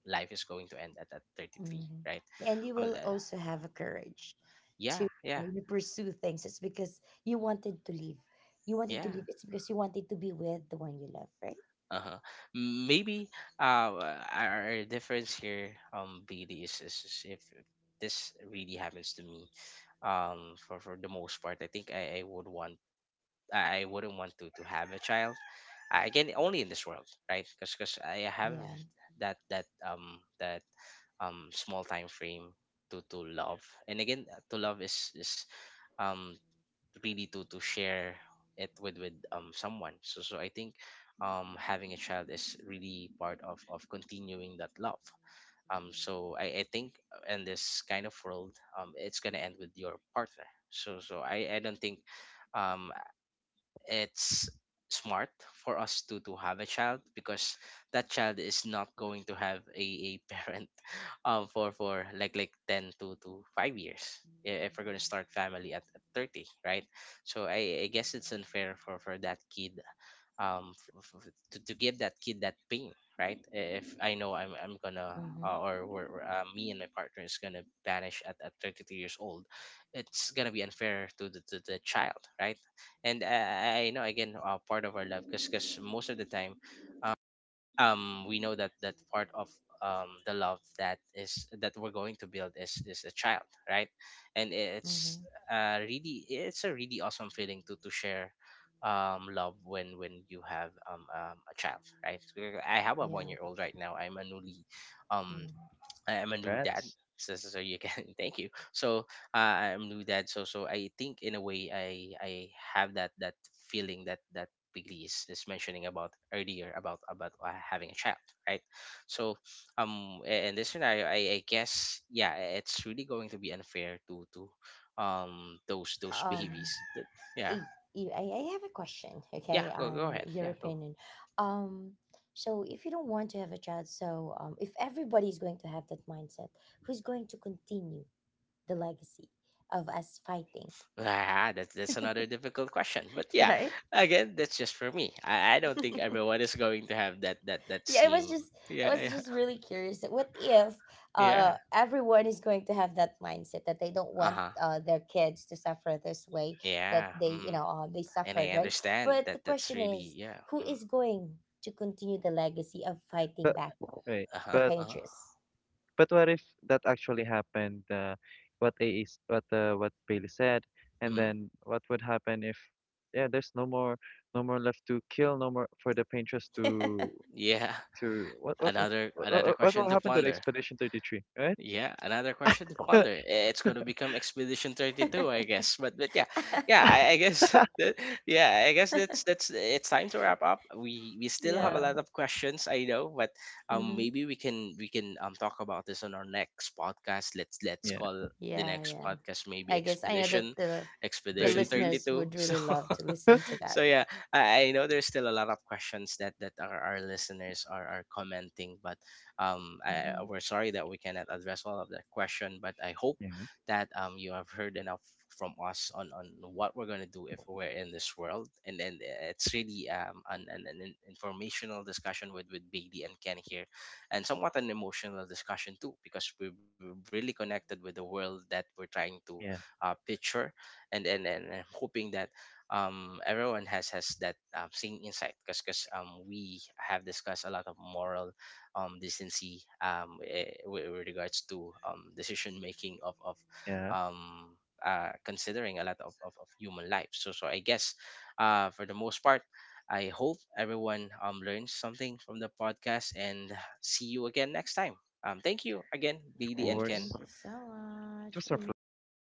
Speaker 1: life is going to end at 33,
Speaker 2: Mhm.
Speaker 1: right?
Speaker 2: And you
Speaker 1: Um,
Speaker 2: will
Speaker 1: uh,
Speaker 2: also have a courage to,
Speaker 1: yeah, yeah,
Speaker 2: you know, pursue things. It's because you wanted to leave. You wanted to
Speaker 1: yeah.
Speaker 2: leave. It's because you wanted to be with the one you love, right?
Speaker 1: Uh-huh. Maybe our difference here BD is if this really happens to me, for the most part I think I would want I wouldn't want to have a child, again only in this world, right? Because I have
Speaker 2: Yeah.
Speaker 1: that small time frame to love. And again, to love is um really to share it with someone. So so I think having a child is really part of continuing that love. So I think in this kind of world it's gonna end with your partner. So I don't think um it's smart for us to have a child, because that child is not going to have a *laughs* parent for like 10 to 5 years if we're going to start family at 30, right? So I guess it's unfair for that kid, to give that kid that pain, right? If I know I'm gonna,
Speaker 2: Mm-hmm.
Speaker 1: me and my partner is gonna vanish at 32 years old, it's gonna be unfair to the child, right? And, I know again, part of our love, because most of the time we know that part of the love that is that we're going to build is a child, right? And it's,
Speaker 2: Mm-hmm.
Speaker 1: really, it's a really awesome feeling to share love when you have a child, right? I have a
Speaker 2: Yeah.
Speaker 1: 1 year old right now. I'm a newly um
Speaker 2: Mhm.
Speaker 1: I am a new dad.
Speaker 3: Rats.
Speaker 1: So, you can *laughs* thank you. So, I'm new dad. So so I think in a way I have that that feeling that Piggy is mentioning about earlier about, having a child, right? So in this scenario, I guess, yeah, it's really going to be unfair to those
Speaker 2: Um,
Speaker 1: babies. That, yeah,
Speaker 2: I, I have a question,
Speaker 1: yeah,
Speaker 2: okay,
Speaker 1: go
Speaker 2: on
Speaker 1: ahead,
Speaker 2: your
Speaker 1: yeah, go.
Speaker 2: opinion. Um, so if you don't want to have a child, so if everybody is going to have that mindset, who's going to continue the legacy of us fighting,
Speaker 1: Ah, that's another difficult question. But
Speaker 2: *laughs*
Speaker 1: yeah,
Speaker 2: right?
Speaker 1: again, that's just for me. I don't think
Speaker 2: *laughs*
Speaker 1: everyone is going to have that
Speaker 2: Yeah, it was
Speaker 1: same.
Speaker 2: just, I
Speaker 1: Yeah, *laughs*
Speaker 2: was
Speaker 1: yeah,
Speaker 2: just really curious, that what if
Speaker 1: yeah.
Speaker 2: uh, everyone is going to have that mindset that they don't
Speaker 1: Uh
Speaker 2: want
Speaker 1: huh.
Speaker 2: uh, their kids to suffer this way, that
Speaker 1: Yeah.
Speaker 2: they, you
Speaker 1: Mm.
Speaker 2: know, they
Speaker 1: And I
Speaker 2: suffered, right?
Speaker 1: understand
Speaker 2: But
Speaker 1: that
Speaker 2: the
Speaker 1: that's
Speaker 2: question
Speaker 1: really,
Speaker 2: is,
Speaker 1: yeah.
Speaker 2: who
Speaker 1: Mm.
Speaker 2: is going to continue the legacy of fighting
Speaker 3: But
Speaker 2: back
Speaker 3: wait.
Speaker 1: Uh
Speaker 2: the
Speaker 1: huh.
Speaker 3: But
Speaker 1: Uh huh.
Speaker 2: painters?
Speaker 3: But what if that actually happened? What A is what Bailey said, and
Speaker 1: Mm.
Speaker 3: then what would happen if yeah, there's no more no more left to kill, no more for the painters
Speaker 1: Yeah. *laughs*
Speaker 3: to what what what
Speaker 1: Another
Speaker 3: what,
Speaker 1: another
Speaker 3: what what
Speaker 1: question
Speaker 3: will
Speaker 1: to
Speaker 3: happen to the
Speaker 1: ponder.
Speaker 3: Expedition 33, right?
Speaker 1: Yeah, another question to ponder.
Speaker 3: *laughs*
Speaker 1: Eh, it's going to become Expedition 32, I
Speaker 2: *laughs*
Speaker 1: guess. But yeah, yeah, I guess *laughs* yeah, I guess that's it's time to wrap up. We still
Speaker 2: Yeah.
Speaker 1: have a lot
Speaker 3: Wow,
Speaker 1: of questions, I know, but
Speaker 2: Hmm.
Speaker 1: maybe we can talk about this on our next podcast. Let's
Speaker 3: yeah,
Speaker 1: call the
Speaker 2: Yeah,
Speaker 1: next
Speaker 2: yeah.
Speaker 1: podcast maybe
Speaker 2: I guess I know that the
Speaker 1: Expedition
Speaker 3: 32.
Speaker 2: listeners
Speaker 1: 32.
Speaker 2: would
Speaker 1: *laughs* So
Speaker 2: really love to listen
Speaker 3: *laughs*
Speaker 2: to
Speaker 1: *laughs* so
Speaker 2: that.
Speaker 1: yeah, I know there's still a lot of questions that that our listeners are commenting, but
Speaker 2: Hmm.
Speaker 1: we're sorry that we cannot address all of that question. But I hope
Speaker 3: yeah,
Speaker 1: that you have heard enough from us on what we're gonna do if we're in this world. And then it's really an informational discussion with Bailey and Ken here, and somewhat an emotional discussion too, because we're really connected with the world that we're trying to,
Speaker 3: yeah,
Speaker 1: picture. And and I'm hoping that, everyone has that, same insight, because, we have discussed a lot of moral, decency, with regards to, decision making of,
Speaker 3: yeah.
Speaker 1: um, considering a lot of human life. So so I guess, for the most part, I hope everyone, learns something from the podcast and see you again next time. Thank you again,
Speaker 3: Of
Speaker 1: BD
Speaker 2: Right.
Speaker 1: and
Speaker 3: course,
Speaker 1: Ken.
Speaker 2: Thank you so
Speaker 3: it
Speaker 2: much.
Speaker 3: was our pleasure.